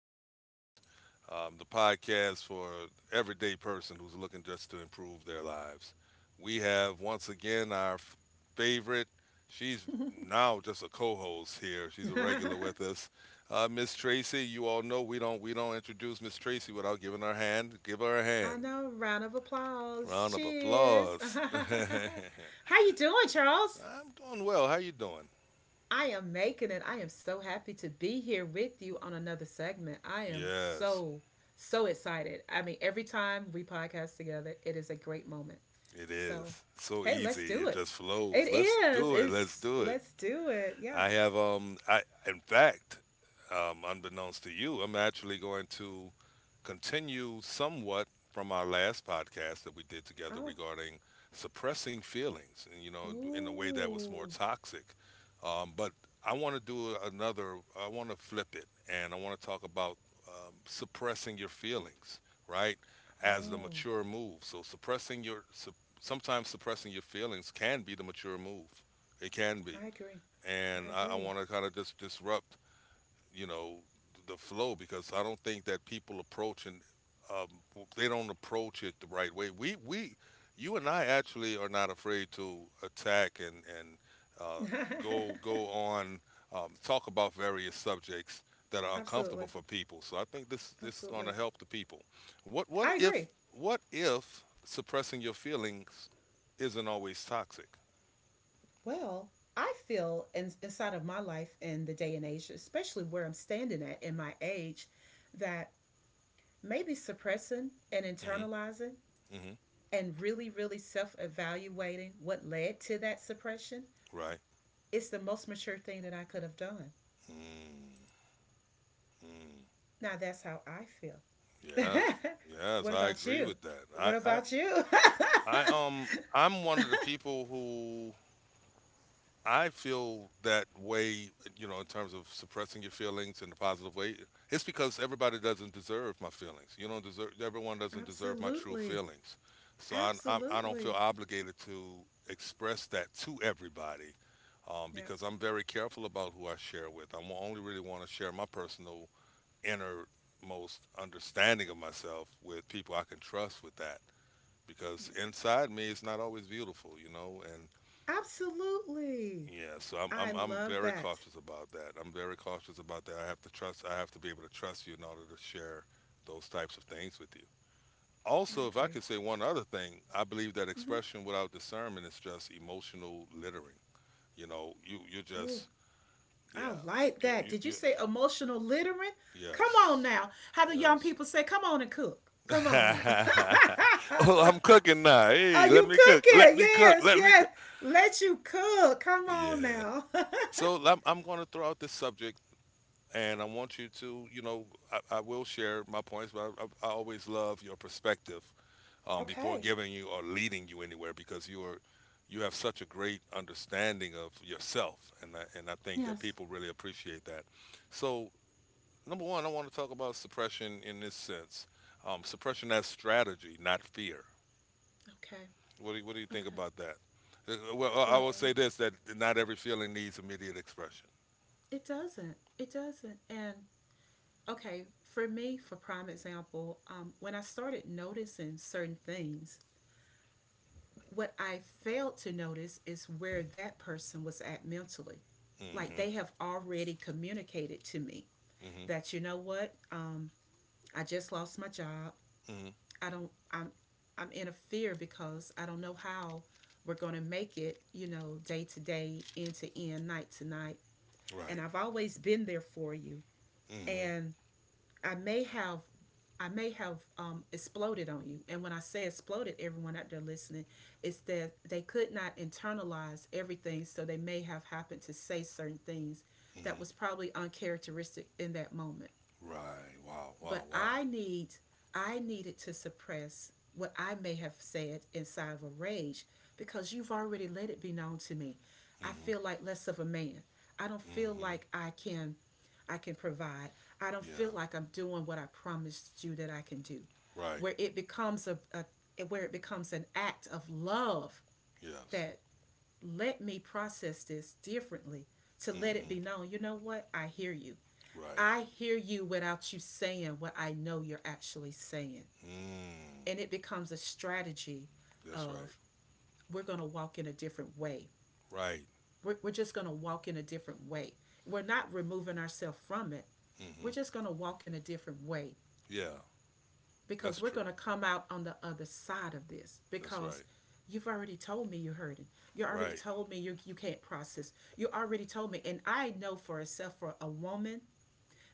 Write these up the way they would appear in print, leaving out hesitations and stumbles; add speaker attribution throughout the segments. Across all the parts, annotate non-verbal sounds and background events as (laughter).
Speaker 1: with Charles, the podcast for everyday person who's looking just to improve their lives. We have once again our favorite. She's now just a co-host here. She's a regular
Speaker 2: (laughs)
Speaker 1: with us, Miss Tracy. You all know we don't introduce Miss Tracy without giving her hand. Give her a
Speaker 2: I
Speaker 1: hand.
Speaker 2: know. Round of applause.
Speaker 1: Round of
Speaker 2: Cheers.
Speaker 1: applause. (laughs) I'm
Speaker 2: (laughs) How you doing, Charles?
Speaker 1: doing well. How you doing?
Speaker 2: I am making it. I am so happy to be here with you on another segment. I am
Speaker 1: Yes.
Speaker 2: so so excited. Every time we podcast together, it is a great moment.
Speaker 1: It is
Speaker 2: So,
Speaker 1: so
Speaker 2: hey, let's
Speaker 1: easy.
Speaker 2: do
Speaker 1: It
Speaker 2: it.
Speaker 1: just
Speaker 2: It
Speaker 1: flows. Let's
Speaker 2: is.
Speaker 1: do it. Let's
Speaker 2: It's
Speaker 1: do it.
Speaker 2: let's do it. Yeah.
Speaker 1: I have I in fact, unbeknownst to you, I'm actually going to continue somewhat from our last podcast that we did together
Speaker 2: Oh.
Speaker 1: regarding suppressing feelings and, you know, in a way that was more
Speaker 2: Ooh.
Speaker 1: toxic. But I want to do another. I want to flip it, and I want to talk about, suppressing your feelings, right? As the
Speaker 2: Oh.
Speaker 1: mature move. So, sometimes suppressing your feelings can be the mature move. It can be,
Speaker 2: I agree.
Speaker 1: and
Speaker 2: I
Speaker 1: I
Speaker 2: agree.
Speaker 1: want to kind of just disrupt, you know, the flow because I don't think that people approach and um, they don't approach it the right way. We You and I actually are not afraid to attack and uh, go
Speaker 2: (laughs)
Speaker 1: go on, talk about various subjects that are uncomfortable
Speaker 2: Absolutely.
Speaker 1: for people. So I think this is going to
Speaker 2: Absolutely.
Speaker 1: help the people. What what
Speaker 2: I
Speaker 1: if
Speaker 2: agree.
Speaker 1: what if suppressing your feelings isn't always toxic?
Speaker 2: Well, I feel inside of my life in the day and age, especially where I'm standing at in my age, that maybe suppressing and
Speaker 1: Hmm.
Speaker 2: internalizing
Speaker 1: Hmm.
Speaker 2: and really, really self evaluating what led to that suppression
Speaker 1: Right.
Speaker 2: is the most mature thing that I could have done.
Speaker 1: Mm. Mm,
Speaker 2: Now, that's how I feel.
Speaker 1: yes,
Speaker 2: (laughs)
Speaker 1: yes,
Speaker 2: What
Speaker 1: I
Speaker 2: about
Speaker 1: agree
Speaker 2: you?
Speaker 1: with that.
Speaker 2: What about you? (laughs)
Speaker 1: I'm one of the people who I feel that way, you know, in terms of suppressing your feelings in a positive way. It's because everybody doesn't deserve my feelings. You don't deserve. Everyone doesn't deserve my true
Speaker 2: Absolutely.
Speaker 1: feelings. So I don't feel
Speaker 2: Absolutely.
Speaker 1: obligated to express that to everybody. Um,
Speaker 2: Yeah.
Speaker 1: because I'm very careful about who I share with. I only really want to share my personal innermost understanding of myself with people I can trust with that, because
Speaker 2: Yeah.
Speaker 1: inside me it's not always beautiful, you know, and
Speaker 2: Absolutely.
Speaker 1: yeah, so I'm
Speaker 2: I
Speaker 1: I'm I'm
Speaker 2: love
Speaker 1: very
Speaker 2: that.
Speaker 1: cautious about that. I'm very cautious about that. I have to be able to trust you in order to share those types of things with you.
Speaker 2: I
Speaker 1: Also, if I
Speaker 2: agree.
Speaker 1: could say one other thing, I believe that
Speaker 2: Mm-hmm.
Speaker 1: expression without discernment is just emotional littering. You know, you are
Speaker 2: Ooh,
Speaker 1: just,
Speaker 2: I
Speaker 1: yeah.
Speaker 2: like
Speaker 1: You,
Speaker 2: that.
Speaker 1: you,
Speaker 2: Did you
Speaker 1: you,
Speaker 2: say emotional littering? Come on
Speaker 1: yes.
Speaker 2: now. How the young
Speaker 1: Yes.
Speaker 2: people say, come on and cook. Come on now.
Speaker 1: (laughs)
Speaker 2: (laughs)
Speaker 1: Oh, I'm cooking now.
Speaker 2: Are
Speaker 1: Hey, let
Speaker 2: you
Speaker 1: me cook.
Speaker 2: cooking?
Speaker 1: Let me cook.
Speaker 2: Yes,
Speaker 1: Let me
Speaker 2: yes.
Speaker 1: cook.
Speaker 2: Let you cook. Come on
Speaker 1: Yeah.
Speaker 2: now. (laughs)
Speaker 1: So I'm going to throw out this subject, and I want you to, you know, I will share my points, but always love your perspective, before
Speaker 2: Okay.
Speaker 1: giving you or leading you anywhere because you have such a great understanding of yourself, and I think that
Speaker 2: Yes.
Speaker 1: people really appreciate that. So, number one, I want to talk about suppression in this sense, suppression as strategy, not fear.
Speaker 2: Okay.
Speaker 1: What do you think
Speaker 2: Okay.
Speaker 1: about that? Well, I will say
Speaker 2: Well,
Speaker 1: this: that not every feeling needs immediate expression.
Speaker 2: it doesn't. It doesn't. And okay, for me, for prime example, when I started noticing certain things. What I failed to notice is where that person was at mentally. Like
Speaker 1: Mm-hmm.
Speaker 2: they have already communicated to me
Speaker 1: Mm-hmm.
Speaker 2: that you know what, I just lost my job.
Speaker 1: Mm-hmm.
Speaker 2: I don't. I'm. I'm in a fear because I don't know how we're going to make it. You know, day to day, end to end, night to night. And
Speaker 1: Right.
Speaker 2: I've always been there for you.
Speaker 1: Mm-hmm.
Speaker 2: And I may have I may have exploded on you. And when I say exploded, everyone out there listening, it's that they could not internalize everything, so they may have happened to say certain things that
Speaker 1: Mm-hmm.
Speaker 2: was probably uncharacteristic in that moment,
Speaker 1: Right. Wow. Wow.
Speaker 2: but
Speaker 1: Wow.
Speaker 2: I needed to suppress what I may have said inside of a rage because you've already let it be known to me. I
Speaker 1: Mm-hmm.
Speaker 2: feel like less of a man. I don't feel
Speaker 1: Mm-hmm.
Speaker 2: like I can I can provide. I don't feel
Speaker 1: Yeah.
Speaker 2: like I'm doing what I promised you that I can do.
Speaker 1: Right.
Speaker 2: Where it becomes a, a where it becomes an act of love,
Speaker 1: Yes.
Speaker 2: that let me process this differently to let it
Speaker 1: Mm-hmm.
Speaker 2: be known, you know what? I hear you.
Speaker 1: Right.
Speaker 2: I hear you without you saying what I know you're actually saying.
Speaker 1: Mm.
Speaker 2: And it becomes a strategy
Speaker 1: That's right.
Speaker 2: of we're going to walk in a different way.
Speaker 1: Right.
Speaker 2: We're just going to walk in a different way. We're not removing ourselves from it. We're
Speaker 1: Mm-hmm.
Speaker 2: just going to walk in a different way
Speaker 1: Yeah. That's
Speaker 2: because we're
Speaker 1: true.
Speaker 2: going to come out on the other side of this
Speaker 1: That's
Speaker 2: because
Speaker 1: right.
Speaker 2: you've already told me you're hurting. You already
Speaker 1: Right.
Speaker 2: told me you can't process. You already told me. And I know for itself, for a woman,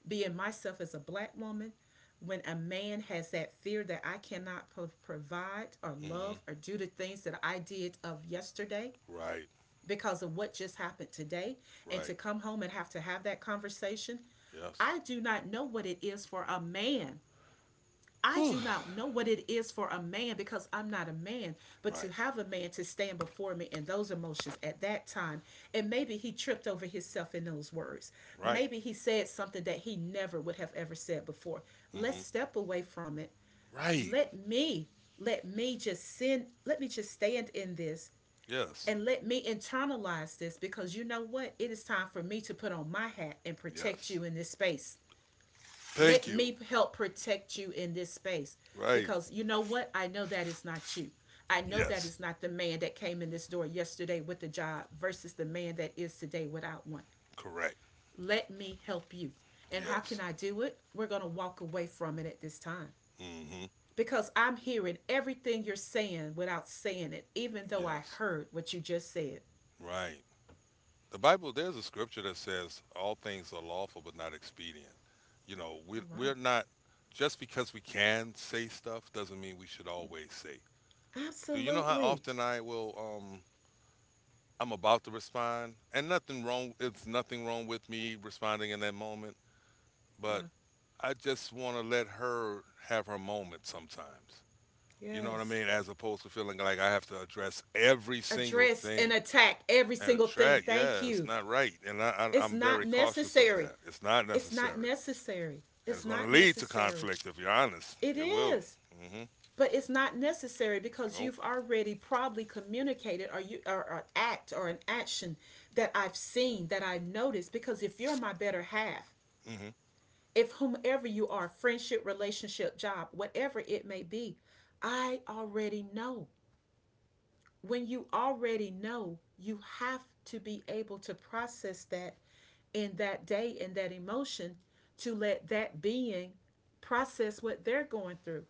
Speaker 2: being myself as a black woman, when a man has that fear that I cannot provide or
Speaker 1: Mm-hmm.
Speaker 2: love or do the things that I did of yesterday
Speaker 1: Right.
Speaker 2: because of what just happened today, and to
Speaker 1: Right.
Speaker 2: come home and have to have that conversation,
Speaker 1: Yes.
Speaker 2: I do not know what it is for a man I
Speaker 1: Whew.
Speaker 2: do not know what it is for a man because I'm not a man, but to
Speaker 1: Right.
Speaker 2: have a man to stand before me in those emotions at that time, and maybe he tripped over himself in those words.
Speaker 1: Right.
Speaker 2: Maybe he said something that he never would have ever said before. Let's
Speaker 1: Mm-hmm.
Speaker 2: step away from it.
Speaker 1: Right.
Speaker 2: Let me, let me just stand in this
Speaker 1: Yes.
Speaker 2: and let me internalize this because you know what? It is time for me to put on my hat and protect
Speaker 1: Yes.
Speaker 2: you in this space. Let
Speaker 1: Thank you.
Speaker 2: me help protect you in this space
Speaker 1: Right.
Speaker 2: because you know what? I know that is not you. I know that
Speaker 1: Yes.
Speaker 2: is not the man that came in this door yesterday with a job versus the man that is today without one.
Speaker 1: Correct.
Speaker 2: Let me help you. And how can
Speaker 1: Yes.
Speaker 2: I do it? We're going to walk away from it at this time
Speaker 1: Mm. Hmm.
Speaker 2: because I'm hearing everything you're saying without saying it, even though I
Speaker 1: Yes.
Speaker 2: heard what you just said.
Speaker 1: Right. The Bible, there's a scripture that says all things are lawful but not expedient. You know, we,
Speaker 2: All right.
Speaker 1: we're not, just because we can say stuff doesn't mean we should always say. Do you know how
Speaker 2: Absolutely.
Speaker 1: often um, I'm about to respond, and nothing wrong, it's nothing wrong with me responding in that moment, but
Speaker 2: Yeah.
Speaker 1: I just want to let her have her moment sometimes. You know what I
Speaker 2: Yes.
Speaker 1: mean? As opposed to feeling like I have to address every single
Speaker 2: Address and
Speaker 1: thing
Speaker 2: attack every
Speaker 1: and a
Speaker 2: single thing.
Speaker 1: track.
Speaker 2: Thank
Speaker 1: Yeah, it's
Speaker 2: you.
Speaker 1: not right, and
Speaker 2: It's
Speaker 1: I'm
Speaker 2: not
Speaker 1: very cautious of
Speaker 2: necessary.
Speaker 1: that. It's not
Speaker 2: It's not
Speaker 1: necessary,
Speaker 2: necessary.
Speaker 1: and it's
Speaker 2: It's
Speaker 1: going to
Speaker 2: not
Speaker 1: lead to
Speaker 2: necessary.
Speaker 1: conflict. If you're honest,
Speaker 2: It
Speaker 1: it will.
Speaker 2: is,
Speaker 1: Mm-hmm.
Speaker 2: but it's not necessary because
Speaker 1: Nope.
Speaker 2: you've already probably communicated, or an act or an action that I've seen, that I've noticed. Because if you're my better half,
Speaker 1: Mm-hmm.
Speaker 2: if whomever you are, friendship, relationship, job, whatever it may be, I already know. When you already know, you have to be able to process that in that day and that emotion to let that being process what they're going through.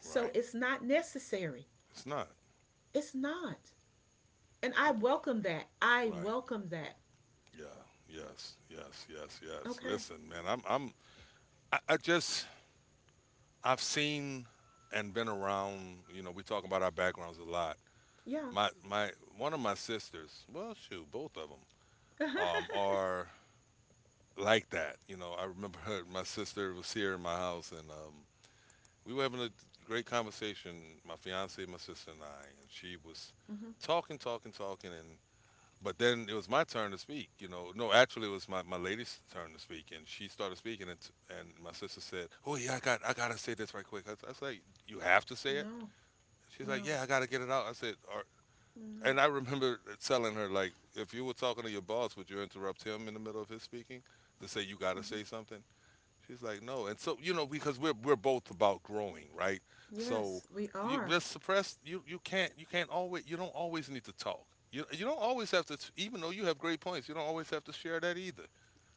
Speaker 2: So
Speaker 1: Right.
Speaker 2: it's not necessary.
Speaker 1: It's not.
Speaker 2: It's not. And I
Speaker 1: It-
Speaker 2: welcome that. I
Speaker 1: Right.
Speaker 2: welcome that.
Speaker 1: Yeah. Yes. Yes. Yes. Yes.
Speaker 2: Okay.
Speaker 1: Listen, man. I'm. I'm. I just. I've seen and been around. You know, we talk about our backgrounds a lot.
Speaker 2: Yeah.
Speaker 1: My One of my sisters. Well, shoot, both of them.
Speaker 2: (laughs) Mm-hmm.
Speaker 1: Are like that. You know, I remember her, my sister was here in my house, and, we were having a great conversation. My fiance, my sister, and I, and she was talking, talking, talking, and but then it was my turn to speak. You know, no, actually, it was my lady's turn to speak, and she started speaking, and my sister said, "Oh yeah, I gotta say this right quick." I was like, "You have to say it."
Speaker 2: No,
Speaker 1: She's like,
Speaker 2: no,
Speaker 1: "Yeah, I gotta get it out." I said, "Are—"
Speaker 2: no.
Speaker 1: and I remember telling her, like, if you were talking to your boss, would you interrupt him in the middle of his speaking to say you got to
Speaker 2: Mm-hmm.
Speaker 1: say something? She's like, no. And so, you know, because we're both about growing, right? So
Speaker 2: Yes, we
Speaker 1: you
Speaker 2: are.
Speaker 1: just suppress. You don't always need to talk. You don't always have to. Even though you have great points, you don't always have to share that either.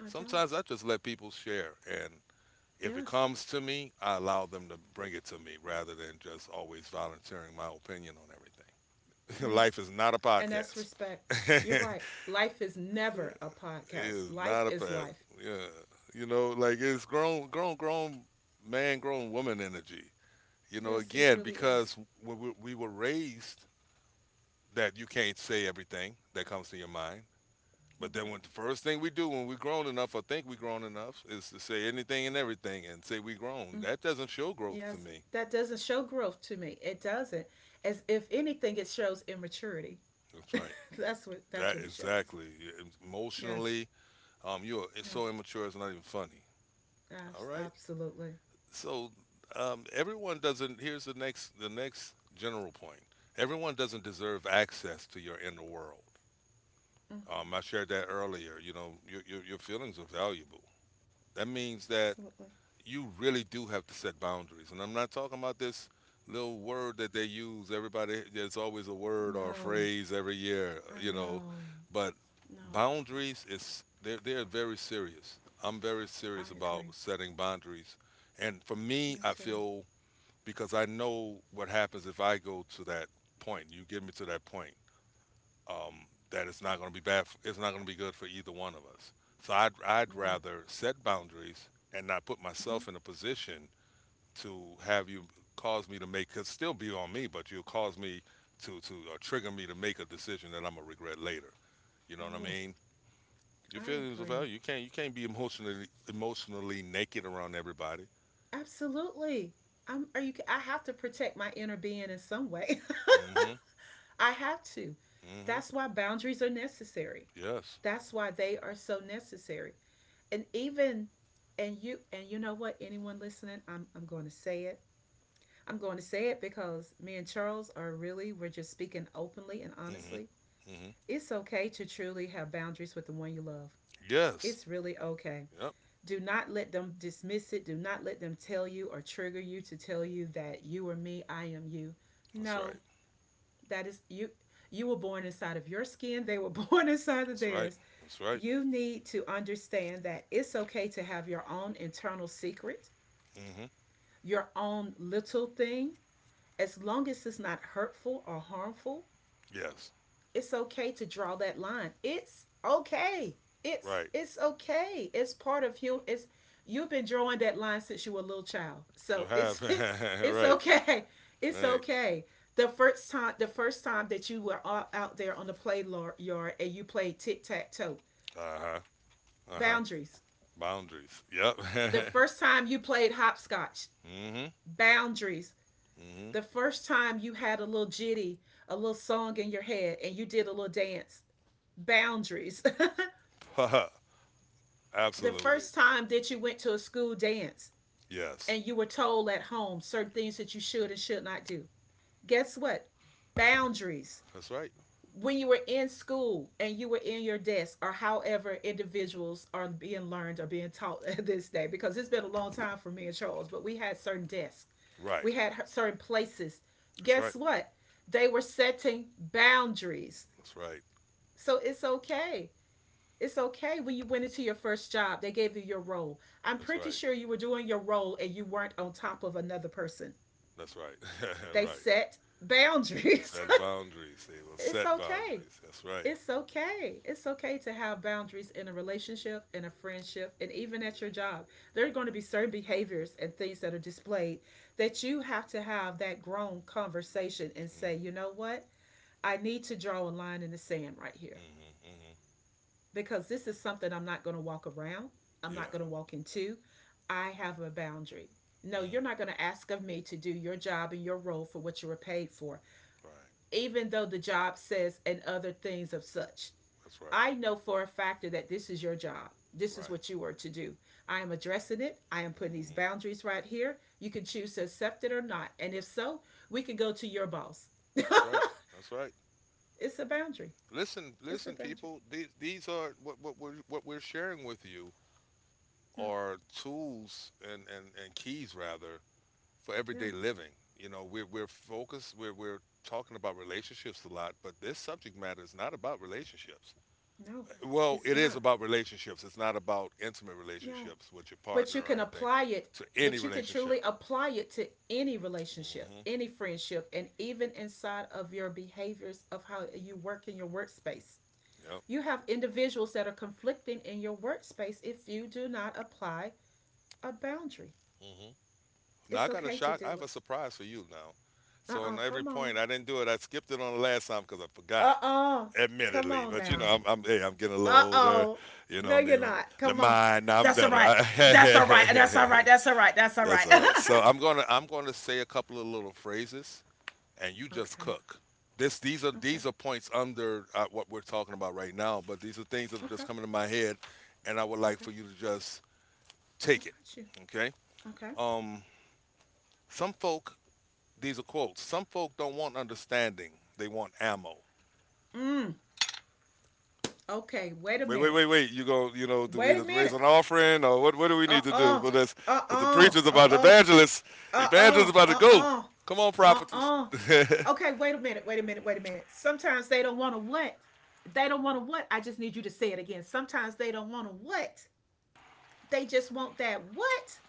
Speaker 2: I don't.
Speaker 1: Sometimes I just let people share, and if it
Speaker 2: Yes,
Speaker 1: comes to me, I allow them to bring it to me rather than just always volunteering my opinion on everything. (laughs) Life
Speaker 2: yes.
Speaker 1: is not a
Speaker 2: And that's
Speaker 1: podcast. (laughs)
Speaker 2: respect. You're
Speaker 1: It
Speaker 2: right. Life is never a podcast.
Speaker 1: is not
Speaker 2: Life
Speaker 1: a
Speaker 2: is
Speaker 1: pass.
Speaker 2: life.
Speaker 1: Yeah, you know, like it's grown, grown, grown man, grown woman energy. You know,
Speaker 2: Yes, it
Speaker 1: again,
Speaker 2: really
Speaker 1: because
Speaker 2: is.
Speaker 1: we were raised that you can't say everything that comes to your mind. But
Speaker 2: You're
Speaker 1: then, when
Speaker 2: right.
Speaker 1: the first thing we do when we're grown enough, or think we're grown enough, is to say anything and everything and say we grown.
Speaker 2: Mm,
Speaker 1: That doesn't show growth to
Speaker 2: yes.
Speaker 1: me.
Speaker 2: That doesn't show growth to me. It doesn't. As if anything, it shows immaturity.
Speaker 1: That's
Speaker 2: (laughs)
Speaker 1: right.
Speaker 2: that's what
Speaker 1: That
Speaker 2: that's what it shows.
Speaker 1: exactly.
Speaker 2: Yes.
Speaker 1: Emotionally, you're it's so
Speaker 2: Yes.
Speaker 1: immature. It's not even funny. All right,
Speaker 2: Absolutely.
Speaker 1: so, everyone doesn't here's the next general point: everyone doesn't deserve access to your inner world.
Speaker 2: Mm,
Speaker 1: I shared that earlier. You know, your feelings are valuable. That means that
Speaker 2: absolutely.
Speaker 1: you really do have to set boundaries, and I'm not talking about this little word that they use. Everybody, there's always a word or a
Speaker 2: No.
Speaker 1: phrase every year,
Speaker 2: I
Speaker 1: you know,
Speaker 2: know.
Speaker 1: but
Speaker 2: No.
Speaker 1: boundaries they're very serious. I'm very serious
Speaker 2: I
Speaker 1: about
Speaker 2: agree.
Speaker 1: setting boundaries, and for me,
Speaker 2: Me
Speaker 1: I
Speaker 2: too.
Speaker 1: feel, because I know what happens if I go to that point. You get me to that point. Um, that it's not going to be bad. For, it's not going to be good for either one of us. So I'd
Speaker 2: You're right.
Speaker 1: rather set boundaries and not put myself in a position to have you cause me to make. Cause still be on me, but you'll cause me to or trigger me to make a decision that I'm gonna regret later. You know what I
Speaker 2: Mm-hmm. Oh,
Speaker 1: mean? Your
Speaker 2: I
Speaker 1: feelings of value.
Speaker 2: agree.
Speaker 1: You can't be emotionally naked around everybody.
Speaker 2: Absolutely. I'm, are you? I have to protect my inner being in some way.
Speaker 1: Mm-hmm.
Speaker 2: (laughs) I have to.
Speaker 1: Mm-hmm.
Speaker 2: That's why boundaries are necessary.
Speaker 1: Yes.
Speaker 2: That's why they are so necessary. And even, and you know what? Anyone listening, I'm going to say it. I'm going to say it because me and Charles are really, we're just speaking openly and
Speaker 1: Mm-hmm.
Speaker 2: honestly.
Speaker 1: Mm-hmm.
Speaker 2: It's okay to truly have boundaries with the one you love.
Speaker 1: Yes.
Speaker 2: It's really okay.
Speaker 1: Yep.
Speaker 2: Do not let them dismiss it. Do not let them tell you or trigger you to tell you that you are me, I am you.
Speaker 1: That's
Speaker 2: No,
Speaker 1: right.
Speaker 2: that is you. You were born inside of your skin, they were (laughs) born inside of
Speaker 1: That's right.
Speaker 2: theirs.
Speaker 1: That's right.
Speaker 2: You need to understand that it's okay to have your own internal secret,
Speaker 1: Hmm.
Speaker 2: your own little thing, as long as it's not hurtful or harmful.
Speaker 1: Yes.
Speaker 2: It's okay to draw that line. It's okay. It's
Speaker 1: Right.
Speaker 2: it's okay. It's part of you. It's you've been drawing that line since you were a little child.
Speaker 1: You
Speaker 2: So
Speaker 1: have. (laughs)
Speaker 2: it's (laughs) it's
Speaker 1: Right.
Speaker 2: okay. It's
Speaker 1: Right.
Speaker 2: okay. The first time that you were out there on the play yard and you played tic tac toe,
Speaker 1: Uh huh. Uh huh.
Speaker 2: boundaries.
Speaker 1: Boundaries. Yep.
Speaker 2: The
Speaker 1: (laughs)
Speaker 2: first time you played hopscotch,
Speaker 1: Hmm.
Speaker 2: boundaries. The first time you had a little jitty, a little song in your head and you did a little dance, boundaries. (laughs)
Speaker 1: Hmm. (laughs)
Speaker 2: The
Speaker 1: Absolutely.
Speaker 2: first time that you went to a school dance
Speaker 1: Yes.
Speaker 2: and you were told at home certain things that you should and should not do. Guess what? Boundaries.
Speaker 1: That's right.
Speaker 2: When you were in school and you were in your desk, or however individuals are being learned or being taught (laughs) this day, because it's been a long time for me and Charles, but we had certain desks,
Speaker 1: Right.
Speaker 2: we had certain places.
Speaker 1: That's right.
Speaker 2: Guess what? They were setting boundaries.
Speaker 1: That's right.
Speaker 2: So it's okay, it's okay. When you went into your first job, they gave you your role. I'm
Speaker 1: That's
Speaker 2: pretty
Speaker 1: right.
Speaker 2: sure you were doing your role and you weren't on top of another person.
Speaker 1: That's right. (laughs)
Speaker 2: They
Speaker 1: Right.
Speaker 2: set
Speaker 1: They
Speaker 2: boundaries.
Speaker 1: set boundaries. They will
Speaker 2: (laughs) It's
Speaker 1: set
Speaker 2: okay.
Speaker 1: boundaries. That's right.
Speaker 2: It's okay. It's okay to have boundaries in a relationship, in a friendship, and even at your job. There are going to be certain behaviors and things that are displayed that you have to have that grown conversation and
Speaker 1: Mm.
Speaker 2: say, you know what? I need to draw a line in the sand right here,
Speaker 1: Hmm. Hmm.
Speaker 2: because this is something I'm not going to walk around. I'm
Speaker 1: Yeah.
Speaker 2: not going to walk into. I have a boundary. No,
Speaker 1: Mm,
Speaker 2: you're not going to ask of me to do your job and your role for what you were paid for,
Speaker 1: right.
Speaker 2: even though the job says and other things of such.
Speaker 1: That's right.
Speaker 2: I know for a factor that this is your job. This is
Speaker 1: Right.
Speaker 2: what you were to do. I am addressing it. I am putting these
Speaker 1: Hmm.
Speaker 2: boundaries right here. You can choose to accept it or not. And if so, we can go to your boss. (laughs)
Speaker 1: That's right. That's right.
Speaker 2: It's a boundary.
Speaker 1: Listen,
Speaker 2: It's a
Speaker 1: listen,
Speaker 2: boundary.
Speaker 1: people. These are what we're sharing with you.
Speaker 2: No,
Speaker 1: Are tools, and keys rather, for everyday
Speaker 2: no,
Speaker 1: living. You know, we're focused. We're talking about relationships a lot, but this subject matter is not about relationships.
Speaker 2: no,
Speaker 1: Well,
Speaker 2: it's
Speaker 1: it is
Speaker 2: not.
Speaker 1: about relationships. It's not about intimate
Speaker 2: No,
Speaker 1: relationships with your
Speaker 2: but
Speaker 1: partner
Speaker 2: you can
Speaker 1: or anything.
Speaker 2: apply it,
Speaker 1: To
Speaker 2: but
Speaker 1: any
Speaker 2: you can truly
Speaker 1: relationship.
Speaker 2: apply it to any relationship,
Speaker 1: Hmm.
Speaker 2: any friendship, and even inside of your behaviors of how you work in your workspace.
Speaker 1: Yep.
Speaker 2: You have individuals that are conflicting in your workspace if you do not apply a boundary.
Speaker 1: Hmm. Now I
Speaker 2: It's
Speaker 1: got a
Speaker 2: okay to
Speaker 1: shock. I
Speaker 2: do
Speaker 1: have a
Speaker 2: it.
Speaker 1: surprise for you now. So
Speaker 2: Uh-uh,
Speaker 1: on every
Speaker 2: come on.
Speaker 1: point, I didn't do it. I skipped it on the last time because I forgot.
Speaker 2: Uh-uh, come
Speaker 1: Admittedly.
Speaker 2: on
Speaker 1: But you know,
Speaker 2: now.
Speaker 1: I'm hey, I'm getting a little older.
Speaker 2: Uh-oh.
Speaker 1: You know,
Speaker 2: No,
Speaker 1: I mean,
Speaker 2: you're not.
Speaker 1: the
Speaker 2: Come on.
Speaker 1: mind now I'm
Speaker 2: That's all
Speaker 1: better.
Speaker 2: right. that's all right that's all right that's all right that's
Speaker 1: (laughs)
Speaker 2: all
Speaker 1: That's
Speaker 2: right
Speaker 1: all
Speaker 2: (laughs)
Speaker 1: right. So I'm gonna say a couple of little phrases, and you just
Speaker 2: Okay.
Speaker 1: cook. This
Speaker 2: Okay.
Speaker 1: these are points under, what we're talking about right now, but these are things that are just
Speaker 2: Okay.
Speaker 1: coming to my head, and I would like
Speaker 2: Okay,
Speaker 1: for you to just
Speaker 2: I
Speaker 1: take it.
Speaker 2: got you.
Speaker 1: Okay.
Speaker 2: Okay.
Speaker 1: Um, some folk these are quotes. Some folk don't want understanding; they want ammo.
Speaker 2: Mm. Okay. Wait a
Speaker 1: Wait, wait,
Speaker 2: minute.
Speaker 1: wait, wait. You go, you know, do we
Speaker 2: Wait a
Speaker 1: just raise
Speaker 2: minute.
Speaker 1: an offering or what do we
Speaker 2: Uh
Speaker 1: need to do
Speaker 2: uh.
Speaker 1: for this?
Speaker 2: Uh
Speaker 1: Because the
Speaker 2: uh.
Speaker 1: preacher's
Speaker 2: Uh
Speaker 1: about the
Speaker 2: uh.
Speaker 1: evangelist.
Speaker 2: Uh uh.
Speaker 1: Evangelist about to
Speaker 2: Uh
Speaker 1: go.
Speaker 2: uh.
Speaker 1: Come on,
Speaker 2: Uh
Speaker 1: prophetess.
Speaker 2: uh.
Speaker 1: (laughs)
Speaker 2: Okay. Wait a minute. Wait a minute. Wait a minute. Sometimes they don't want to what? They don't want to what? I just need you to say it again. Sometimes they don't want to what? They just want that what?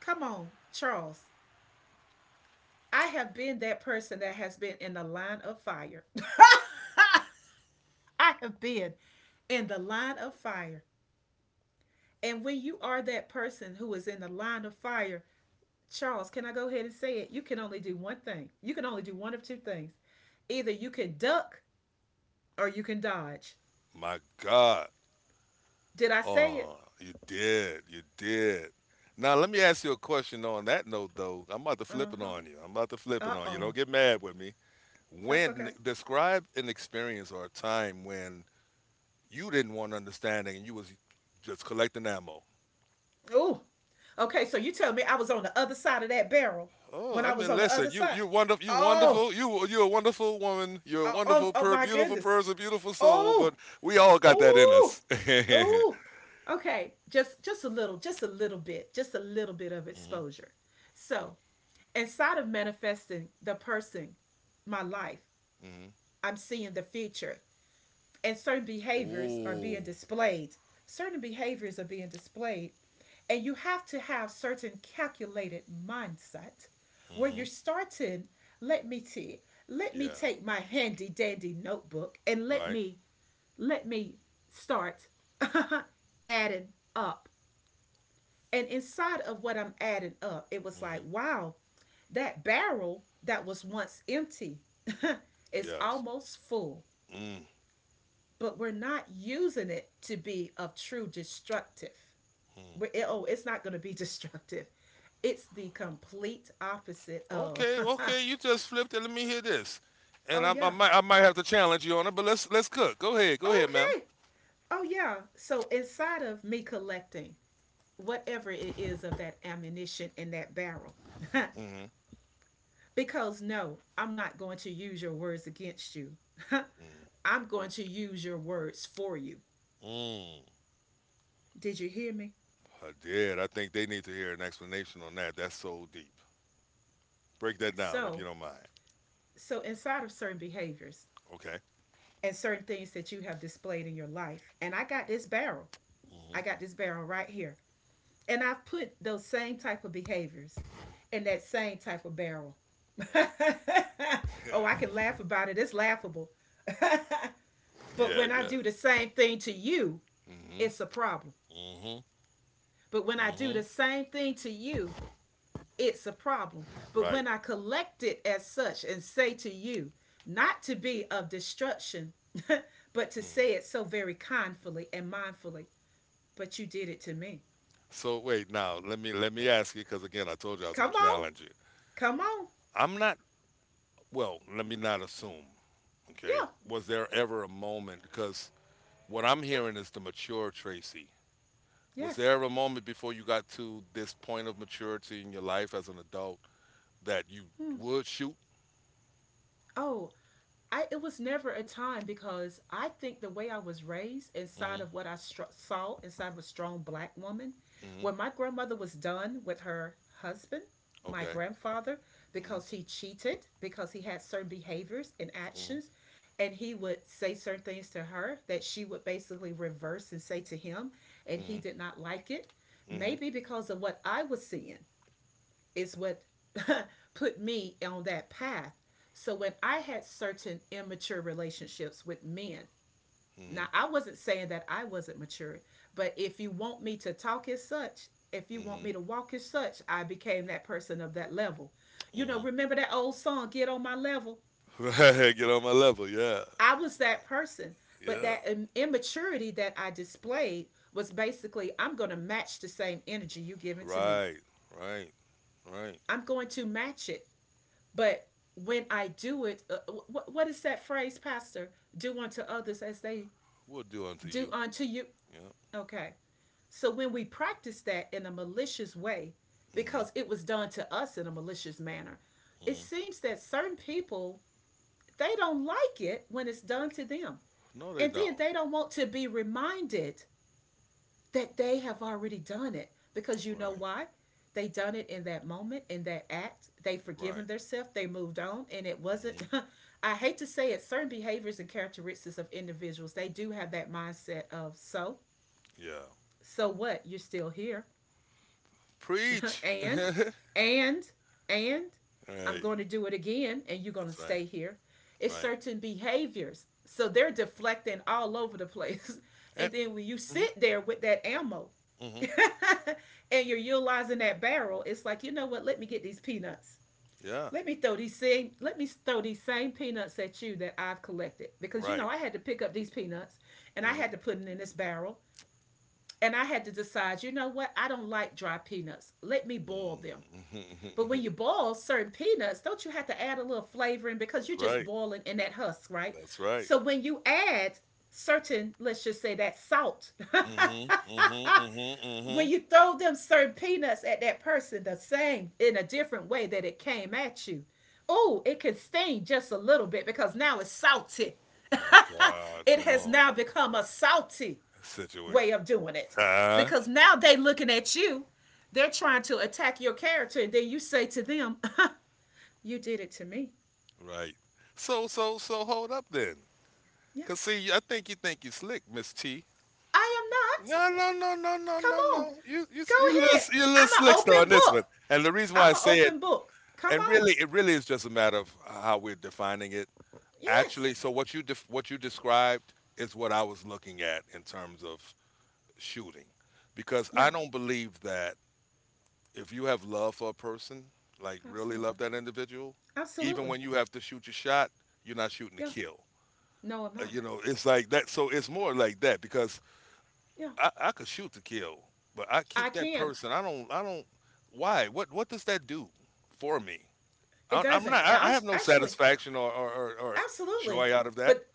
Speaker 2: Come on, Charles. I have been that person that has been in the line of fire. (laughs) I have been in the line of fire. And when you are that person who is in the line of fire, Charles, can I go ahead and say it? You can only do one thing. You can only do one of two things. Either you can duck or you can dodge.
Speaker 1: My God.
Speaker 2: Did I say it?
Speaker 1: Oh, you did. You did. Now, let me ask you a question on that note, though. I'm about to
Speaker 2: Uh
Speaker 1: flip it
Speaker 2: huh.
Speaker 1: on you. I'm about to flip
Speaker 2: Uh
Speaker 1: it on you.
Speaker 2: oh.
Speaker 1: Don't get mad with me.
Speaker 2: That's
Speaker 1: When
Speaker 2: okay.
Speaker 1: describe an experience or a time when you didn't want understanding and you was just collecting ammo.
Speaker 2: Ooh. Okay, so you tell me I was on the other side of that barrel when
Speaker 1: Oh, I
Speaker 2: I was
Speaker 1: mean,
Speaker 2: on the
Speaker 1: listen,
Speaker 2: other
Speaker 1: you
Speaker 2: side.
Speaker 1: you're wonderful,
Speaker 2: Oh,
Speaker 1: you're a wonderful woman, you're a
Speaker 2: oh, oh,
Speaker 1: wonderful,
Speaker 2: oh my
Speaker 1: beautiful
Speaker 2: goodness.
Speaker 1: person, beautiful soul.
Speaker 2: Oh,
Speaker 1: But we all got that in
Speaker 2: oh,
Speaker 1: us. (laughs) Mhm.
Speaker 2: oh. Okay, just a little, just a little bit, just a little bit of exposure. So, inside of manifesting the person, my life,
Speaker 1: Mhm.
Speaker 2: I'm seeing the future, and certain behaviors are being
Speaker 1: Ooh.
Speaker 2: displayed. Certain behaviors are being displayed, and you have to have certain calculated mindset where you're
Speaker 1: Mhm.
Speaker 2: starting. Let me see. Let me
Speaker 1: Yeah.
Speaker 2: take my handy dandy notebook and let
Speaker 1: Right.
Speaker 2: me let me start (laughs) adding up. And inside of what I'm adding up, it was like,
Speaker 1: Mhm.
Speaker 2: wow, that barrel that was once empty (laughs) is
Speaker 1: Yes.
Speaker 2: almost full,
Speaker 1: Mhm.
Speaker 2: but we're not using it to be of true destructive. We're, oh, it's not going to be (laughs) destructive. It's the complete opposite of,
Speaker 1: Okay. Okay. You just flipped it. Let me hear this,
Speaker 2: (laughs)
Speaker 1: and
Speaker 2: oh,
Speaker 1: I, I
Speaker 2: yeah,
Speaker 1: might I might have to challenge you on it. But let's cook. Go ahead. Go ahead, ma'am.
Speaker 2: okay, oh, yeah. So inside of me collecting, whatever it is of that ammunition in that barrel. (laughs)
Speaker 1: Mhm.
Speaker 2: Because no, I'm not going to use your words against you. (laughs) I'm going to use your words for you.
Speaker 1: Mm.
Speaker 2: Did you hear me?
Speaker 1: I did. I think they need to hear an explanation on that. That's so deep. Break that down if you
Speaker 2: So,
Speaker 1: don't mind.
Speaker 2: so inside of certain behaviors
Speaker 1: Okay.
Speaker 2: and certain things that you have displayed in your life, and I got this barrel.
Speaker 1: Mm-hmm.
Speaker 2: I got this barrel right here. And I've put those same type of behaviors in that same type of barrel. (laughs)
Speaker 1: Right. (laughs)
Speaker 2: Oh, I can
Speaker 1: Yeah.
Speaker 2: laugh about it. It's laughable. (laughs) But
Speaker 1: Yeah.
Speaker 2: when I
Speaker 1: Yeah.
Speaker 2: do the same thing to you,
Speaker 1: Mm-hmm.
Speaker 2: it's a problem.
Speaker 1: Mm-hmm.
Speaker 2: But when I do
Speaker 1: Mm-hmm.
Speaker 2: the same thing to you, it's a problem. But
Speaker 1: Right.
Speaker 2: when I collect it as such and say to you, not to be of destruction, (laughs) but to say
Speaker 1: Mm.
Speaker 2: it so very kindfully and mindfully, but you did it to me.
Speaker 1: So wait now. Let me ask you because again I told you I was
Speaker 2: Come
Speaker 1: going to
Speaker 2: on,
Speaker 1: challenge you.
Speaker 2: come on.
Speaker 1: I'm not. Well, let me not assume. Okay.
Speaker 2: Yeah,
Speaker 1: Was there ever a moment? Because what I'm
Speaker 2: yeah,
Speaker 1: hearing is the mature Tracy. Was
Speaker 2: yes.
Speaker 1: there ever a moment before you got to this point of maturity in your life as an adult that you
Speaker 2: Hmm.
Speaker 1: would shoot?
Speaker 2: Oh, I it was never a time because I think the way I was raised inside
Speaker 1: Mm-hmm.
Speaker 2: of what I saw inside of a strong black woman,
Speaker 1: Mm-hmm.
Speaker 2: when my grandmother was done with her husband, my
Speaker 1: Okay.
Speaker 2: grandfather,
Speaker 1: Mm-hmm.
Speaker 2: because he cheated, because he had certain behaviors and actions,
Speaker 1: Mm-hmm.
Speaker 2: and he would say certain things to her that she would basically reverse and say to him, and he
Speaker 1: Mm-hmm.
Speaker 2: did not like it,
Speaker 1: Mm-hmm.
Speaker 2: maybe because of what I was seeing is what (laughs) put me on that path. So when I had certain immature relationships with men, now I wasn't saying that I wasn't mature, but if you want me to talk as such, if you want
Speaker 1: Mm-hmm.
Speaker 2: me to walk as such, I became that person of that level. You know,
Speaker 1: Hmm.
Speaker 2: remember that old song, Get on My Level?
Speaker 1: Right, (laughs) get on my level. Yeah,
Speaker 2: I was that person. But
Speaker 1: yeah.
Speaker 2: that immaturity that I displayed was basically, I'm going to match the same energy you giving to me.
Speaker 1: Right, right, right.
Speaker 2: I'm going to match it. But when I do it, what is that phrase, Pastor? Do unto others as they
Speaker 1: We'll do unto
Speaker 2: do
Speaker 1: you.
Speaker 2: unto you.
Speaker 1: Yeah.
Speaker 2: Okay. So when we practice that in a malicious way,
Speaker 1: Hmm.
Speaker 2: because it was done to us in a malicious manner, it
Speaker 1: Hmm.
Speaker 2: seems that certain people, they don't like it when it's done to them.
Speaker 1: No, they
Speaker 2: And
Speaker 1: don't.
Speaker 2: then they don't want to be reminded that they have already done it because you know
Speaker 1: Right,
Speaker 2: why they done it in that moment in that act they
Speaker 1: right.
Speaker 2: forgiven themselves they moved on and it
Speaker 1: Hmm.
Speaker 2: wasn't (laughs) I hate to say it certain behaviors and characteristics of individuals they do have that mindset of so,
Speaker 1: Yeah.
Speaker 2: so what? You're still here. (laughs)
Speaker 1: Preach.
Speaker 2: and, and, and I'm
Speaker 1: Right.
Speaker 2: going to do it again and you're going to
Speaker 1: That's right.
Speaker 2: stay here. It's
Speaker 1: Right.
Speaker 2: certain behaviors. So they're deflecting all over the place. (laughs) And
Speaker 1: And
Speaker 2: then when you
Speaker 1: hmm,
Speaker 2: sit there with that ammo (laughs)
Speaker 1: hmm,
Speaker 2: and you're utilizing that barrel, it's like, you know what? Let me get these peanuts.
Speaker 1: yeah.
Speaker 2: Let me throw these same peanuts at you that I've collected. Because you
Speaker 1: Right.
Speaker 2: know, I had to pick up these peanuts and I
Speaker 1: Hmm.
Speaker 2: had to put them in this barrel. And I had to decide, you know what? I don't like dry peanuts. Let me boil them. But when you
Speaker 1: (laughs)
Speaker 2: boil certain peanuts, don't you have to add a little flavoring because you're
Speaker 1: That's
Speaker 2: just
Speaker 1: right.
Speaker 2: boiling in that husk, right?
Speaker 1: That's right.
Speaker 2: So when you add certain, let's just say that salt, (laughs)
Speaker 1: Hmm. Hmm. Hmm. Hmm.
Speaker 2: when you throw them certain peanuts at that person, the same in a different way that it came at you, oh, it can sting just a little bit because now it's salty. (laughs)
Speaker 1: My God,
Speaker 2: It
Speaker 1: come
Speaker 2: has
Speaker 1: on.
Speaker 2: now become a salty way
Speaker 1: Situation.
Speaker 2: of doing it
Speaker 1: (laughs) Ah.
Speaker 2: because now they looking at you, they're trying to attack your character, and then you say to them, (laughs) you did it to me.
Speaker 1: Right. So hold up then.
Speaker 2: Yeah.
Speaker 1: Cause see, I think you slick, Miss T.
Speaker 2: I am not.
Speaker 1: No, no, no, no, no,
Speaker 2: Come
Speaker 1: no, no.
Speaker 2: on.
Speaker 1: You, you,
Speaker 2: Go
Speaker 1: you little,
Speaker 2: ahead.
Speaker 1: you little
Speaker 2: I'm an
Speaker 1: slickster
Speaker 2: open
Speaker 1: on this one.
Speaker 2: book.
Speaker 1: And the reason why
Speaker 2: I'm
Speaker 1: I
Speaker 2: an
Speaker 1: say it,
Speaker 2: open book. Come
Speaker 1: and
Speaker 2: on.
Speaker 1: really, it really is just a matter of how we're defining it. Actually,
Speaker 2: Yes.
Speaker 1: so what you described is what I was looking at in terms of shooting, because I
Speaker 2: Yeah.
Speaker 1: don't believe that if you have love for a person, like really
Speaker 2: Absolutely.
Speaker 1: love that individual, even
Speaker 2: Absolutely.
Speaker 1: when you have to shoot your shot, you're not shooting to
Speaker 2: Yeah.
Speaker 1: kill.
Speaker 2: No, I'm not.
Speaker 1: It's like that. So it's more like that because
Speaker 2: Yeah.
Speaker 1: I could shoot to kill, but I keep
Speaker 2: I
Speaker 1: that
Speaker 2: can.
Speaker 1: person. I don't. I don't. Why? What? What does that do for me?
Speaker 2: It
Speaker 1: I'm
Speaker 2: doesn't.
Speaker 1: not. I have no
Speaker 2: Actually,
Speaker 1: satisfaction or
Speaker 2: absolutely.
Speaker 1: joy out of that.
Speaker 2: But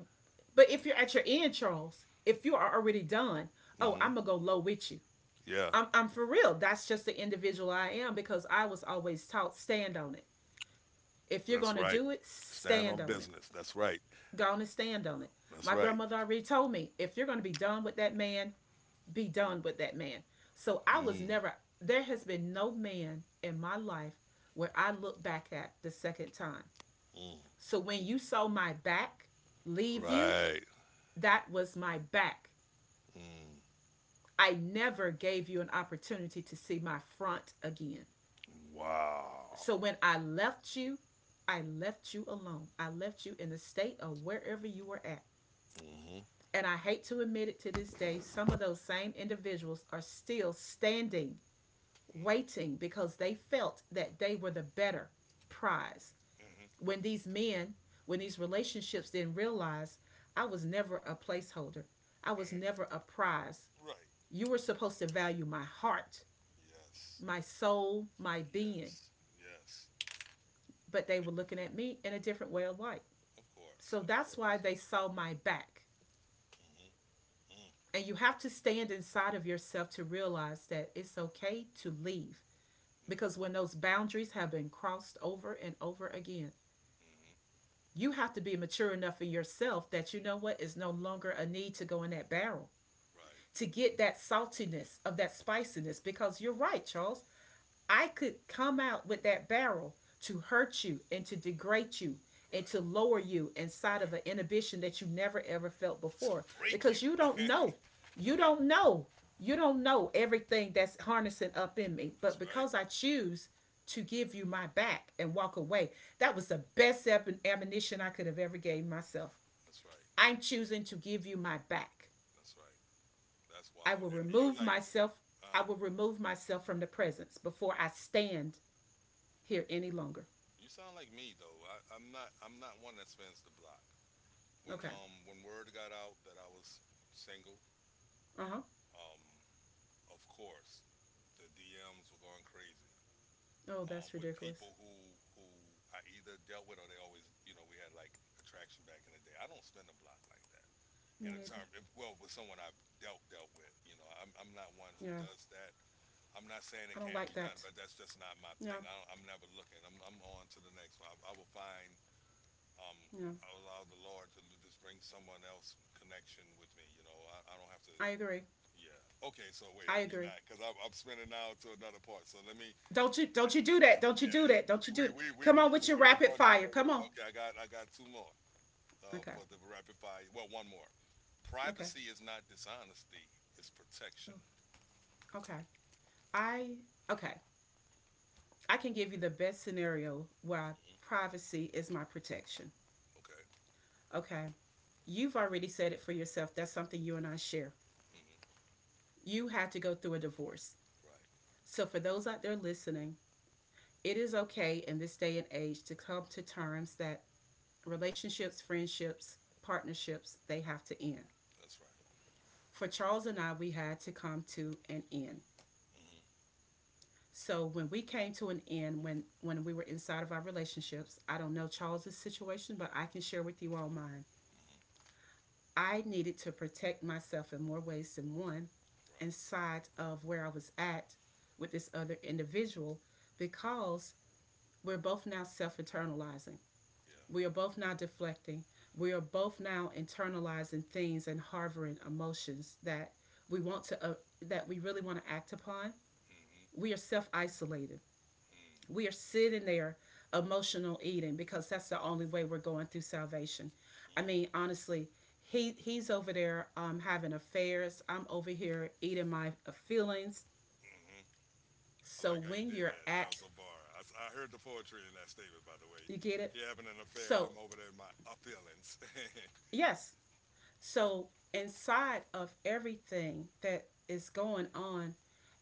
Speaker 2: but if you're at your end, Charles, if you are already done, oh,
Speaker 1: Hmm.
Speaker 2: I'm gonna go low with you.
Speaker 1: Yeah,
Speaker 2: I'm for real. That's just the individual I am because I was always taught stand on it. If you're
Speaker 1: that's
Speaker 2: going to
Speaker 1: right.
Speaker 2: do it,
Speaker 1: Stand
Speaker 2: stand
Speaker 1: on
Speaker 2: on it.
Speaker 1: business. That's right.
Speaker 2: Go on and stand on it.
Speaker 1: That's
Speaker 2: My
Speaker 1: right.
Speaker 2: grandmother already told me if you're going to be done with that man, be done with that man. So I was
Speaker 1: Mm,
Speaker 2: never, there has been no man in my life where I look back at the second time.
Speaker 1: mm,
Speaker 2: So when you saw my back leave you,
Speaker 1: right.
Speaker 2: that was my back.
Speaker 1: Mm,
Speaker 2: I never gave you an opportunity to see my front again.
Speaker 1: wow.
Speaker 2: So when I left you alone. I left you in the state of wherever you were at.
Speaker 1: Hmm.
Speaker 2: And I hate to admit it to this day, some of those same individuals are still standing,
Speaker 1: Hmm.
Speaker 2: waiting because they felt that they were the better prize. When these men, when these relationships didn't realize I was never a placeholder, I was never
Speaker 1: Hmm.
Speaker 2: a prize.
Speaker 1: Right.
Speaker 2: You were supposed to value my heart,
Speaker 1: Yes.
Speaker 2: my soul, my being,
Speaker 1: Yes. Yes.
Speaker 2: but they
Speaker 1: Be-
Speaker 2: were looking at me in a different way of life.
Speaker 1: Of course.
Speaker 2: So
Speaker 1: Of
Speaker 2: that's why
Speaker 1: course.
Speaker 2: they saw my back.
Speaker 1: Hmm. Mm,
Speaker 2: And you have to stand inside of yourself to realize that it's okay to leave.
Speaker 1: yeah.
Speaker 2: Because when those boundaries have been crossed over and over again,
Speaker 1: Hmm.
Speaker 2: you have to be mature enough in yourself that you know what is no longer a need to go in that barrel
Speaker 1: Right.
Speaker 2: to get that saltiness of that spiciness. Because you're right, Charles, I could come out with that barrel to hurt you and to degrade you and to
Speaker 1: Right,
Speaker 2: lower you inside of an
Speaker 1: right.
Speaker 2: inhibition that you never ever felt
Speaker 1: To
Speaker 2: before
Speaker 1: break you.
Speaker 2: because you don't know.
Speaker 1: (laughs)
Speaker 2: You
Speaker 1: Right.
Speaker 2: don't know. You don't know everything that's harnessing up in me. But
Speaker 1: That's right.
Speaker 2: because I choose to give you my back and walk away, that was the best ammunition I could have ever gave myself.
Speaker 1: That's right.
Speaker 2: I'm choosing to give you my back.
Speaker 1: That's right. That's
Speaker 2: I
Speaker 1: wild.
Speaker 2: will
Speaker 1: And you're
Speaker 2: remove
Speaker 1: like,
Speaker 2: myself. I
Speaker 1: uh huh.
Speaker 2: will remove myself from the presence before I stand here any longer.
Speaker 1: You sound like me though. I'm not. I'm not one that spins the block. When
Speaker 2: Okay.
Speaker 1: um when word got out that I was single,
Speaker 2: Uh huh.
Speaker 1: um of course the DMs were going crazy.
Speaker 2: Oh, that's
Speaker 1: With
Speaker 2: ridiculous.
Speaker 1: people who I either dealt with or they always we had like attraction back in the day. I don't spin the block like that.
Speaker 2: Me
Speaker 1: In a
Speaker 2: neither.
Speaker 1: term, if, well, with someone I've dealt with. You know, I'm not one who
Speaker 2: Yeah,
Speaker 1: does that. I'm not saying
Speaker 2: I
Speaker 1: it
Speaker 2: don't
Speaker 1: can't
Speaker 2: like
Speaker 1: be done,
Speaker 2: that.
Speaker 1: but that's just not my thing.
Speaker 2: Yeah,
Speaker 1: I'm never looking. I'm on to the next one. I will find. Um,
Speaker 2: yeah.
Speaker 1: I will allow the Lord to just bring someone else connection with me. You know, I don't have to.
Speaker 2: I agree.
Speaker 1: Yeah. Okay. So wait.
Speaker 2: I
Speaker 1: Let me
Speaker 2: agree.
Speaker 1: not, because I'm spinning now to another part. So let me.
Speaker 2: Don't you, don't you do that? Don't you
Speaker 1: Yeah.
Speaker 2: do that? Don't you
Speaker 1: We we
Speaker 2: do that?
Speaker 1: we we
Speaker 2: Come
Speaker 1: we,
Speaker 2: on with your
Speaker 1: we were
Speaker 2: rapid
Speaker 1: going down
Speaker 2: fire.
Speaker 1: the
Speaker 2: Come
Speaker 1: road.
Speaker 2: on.
Speaker 1: Okay. I got two more
Speaker 2: Okay.
Speaker 1: for the rapid fire. Well, one more.
Speaker 2: Okay.
Speaker 1: Privacy is not dishonesty; it's
Speaker 2: Oh,
Speaker 1: protection.
Speaker 2: okay. I Okay. I can give you the best scenario where
Speaker 1: Mm-hmm.
Speaker 2: privacy is my protection.
Speaker 1: Okay.
Speaker 2: Okay. You've already said it for yourself. That's something you and I share.
Speaker 1: Mm-hmm.
Speaker 2: You had to go through a divorce.
Speaker 1: Right.
Speaker 2: So for those out there listening, it is okay in this day and age to come to terms that relationships, friendships, partnerships, they have to end.
Speaker 1: That's right.
Speaker 2: For Charles and I, we had to come to an end.
Speaker 1: Mm-hmm.
Speaker 2: So when we came to an end, when we were inside of our relationships, I don't know Charles's situation, but I can share with you all mine.
Speaker 1: Mm-hmm.
Speaker 2: I needed to protect myself in more ways than one,
Speaker 1: Right.
Speaker 2: inside of where I was at with this other individual, because we're both now self internalizing.
Speaker 1: Yeah.
Speaker 2: We are both now deflecting. We are both now internalizing things and harboring emotions that we want to that we really want to act upon.
Speaker 1: Mm-hmm.
Speaker 2: We are self-isolated.
Speaker 1: Mm-hmm.
Speaker 2: We are sitting there emotional eating because that's the only way we're going through salvation. I mean, honestly, he's over there having affairs. I'm over here eating my feelings.
Speaker 1: Mm-hmm. I
Speaker 2: So
Speaker 1: like how you
Speaker 2: when
Speaker 1: did
Speaker 2: you're
Speaker 1: that. That was
Speaker 2: at,
Speaker 1: a bar. I heard the poetry in that statement, by the way.
Speaker 2: you get it.
Speaker 1: You're having an affair, and
Speaker 2: So
Speaker 1: I'm over there in my feelings. (laughs)
Speaker 2: yes, so, inside of everything that is going on,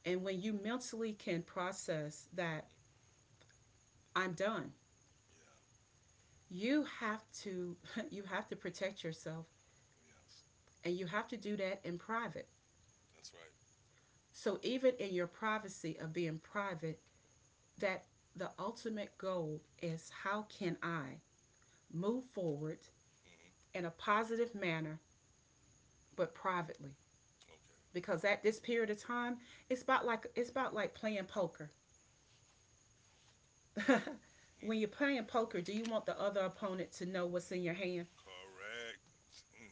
Speaker 2: and when you mentally can process that
Speaker 1: Hmm.
Speaker 2: I'm done,
Speaker 1: Yeah.
Speaker 2: you have to (laughs) you have to protect yourself
Speaker 1: Yes.
Speaker 2: and you have to do that in private.
Speaker 1: That's right.
Speaker 2: So even in your privacy of being private, that the ultimate goal is how can I move forward
Speaker 1: Mm-hmm.
Speaker 2: in a positive manner but privately?
Speaker 1: Okay.
Speaker 2: Because at this period of time, it's about like playing poker. (laughs)
Speaker 1: Mm.
Speaker 2: When you're playing poker, do you want the other opponent to know what's in your hand?
Speaker 1: Correct. Mm.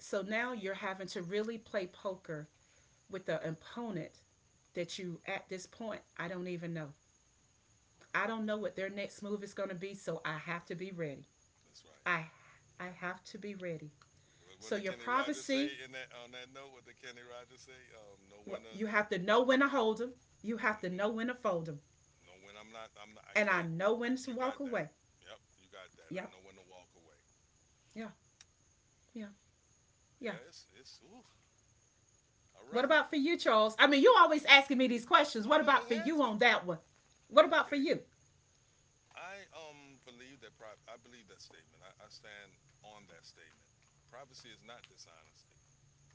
Speaker 2: So now you're
Speaker 1: Mm-mm-mm.
Speaker 2: having to really play poker with the opponent that you, at this point, I don't even know. I don't know what their
Speaker 1: Mm.
Speaker 2: next move is going to be, so I have to be
Speaker 1: Right.
Speaker 2: ready.
Speaker 1: That's right.
Speaker 2: I, I have to be ready.
Speaker 1: What
Speaker 2: So
Speaker 1: did
Speaker 2: your
Speaker 1: Kenny Rogers
Speaker 2: privacy,
Speaker 1: say in that on that note? What did Kenny Rogers say? No winner.
Speaker 2: you have to know when to hold them. You have to know
Speaker 1: Hmm.
Speaker 2: when to fold them.
Speaker 1: No win. I'm not. I'm not. I
Speaker 2: And I
Speaker 1: can't.
Speaker 2: know when to
Speaker 1: You got
Speaker 2: walk
Speaker 1: that.
Speaker 2: away.
Speaker 1: Yep, you got that. I
Speaker 2: Yeah,
Speaker 1: know when to walk away.
Speaker 2: yeah, yeah, yeah.
Speaker 1: Yes, it's Ooh, all
Speaker 2: What
Speaker 1: right.
Speaker 2: about for you, Charles? I mean, you always asking me these questions.
Speaker 1: No,
Speaker 2: What
Speaker 1: no,
Speaker 2: about for you
Speaker 1: exactly.
Speaker 2: on that one? What about for
Speaker 1: Okay.
Speaker 2: you?
Speaker 1: I believe that. I believe that statement. I stand on that statement. Privacy is not dishonesty.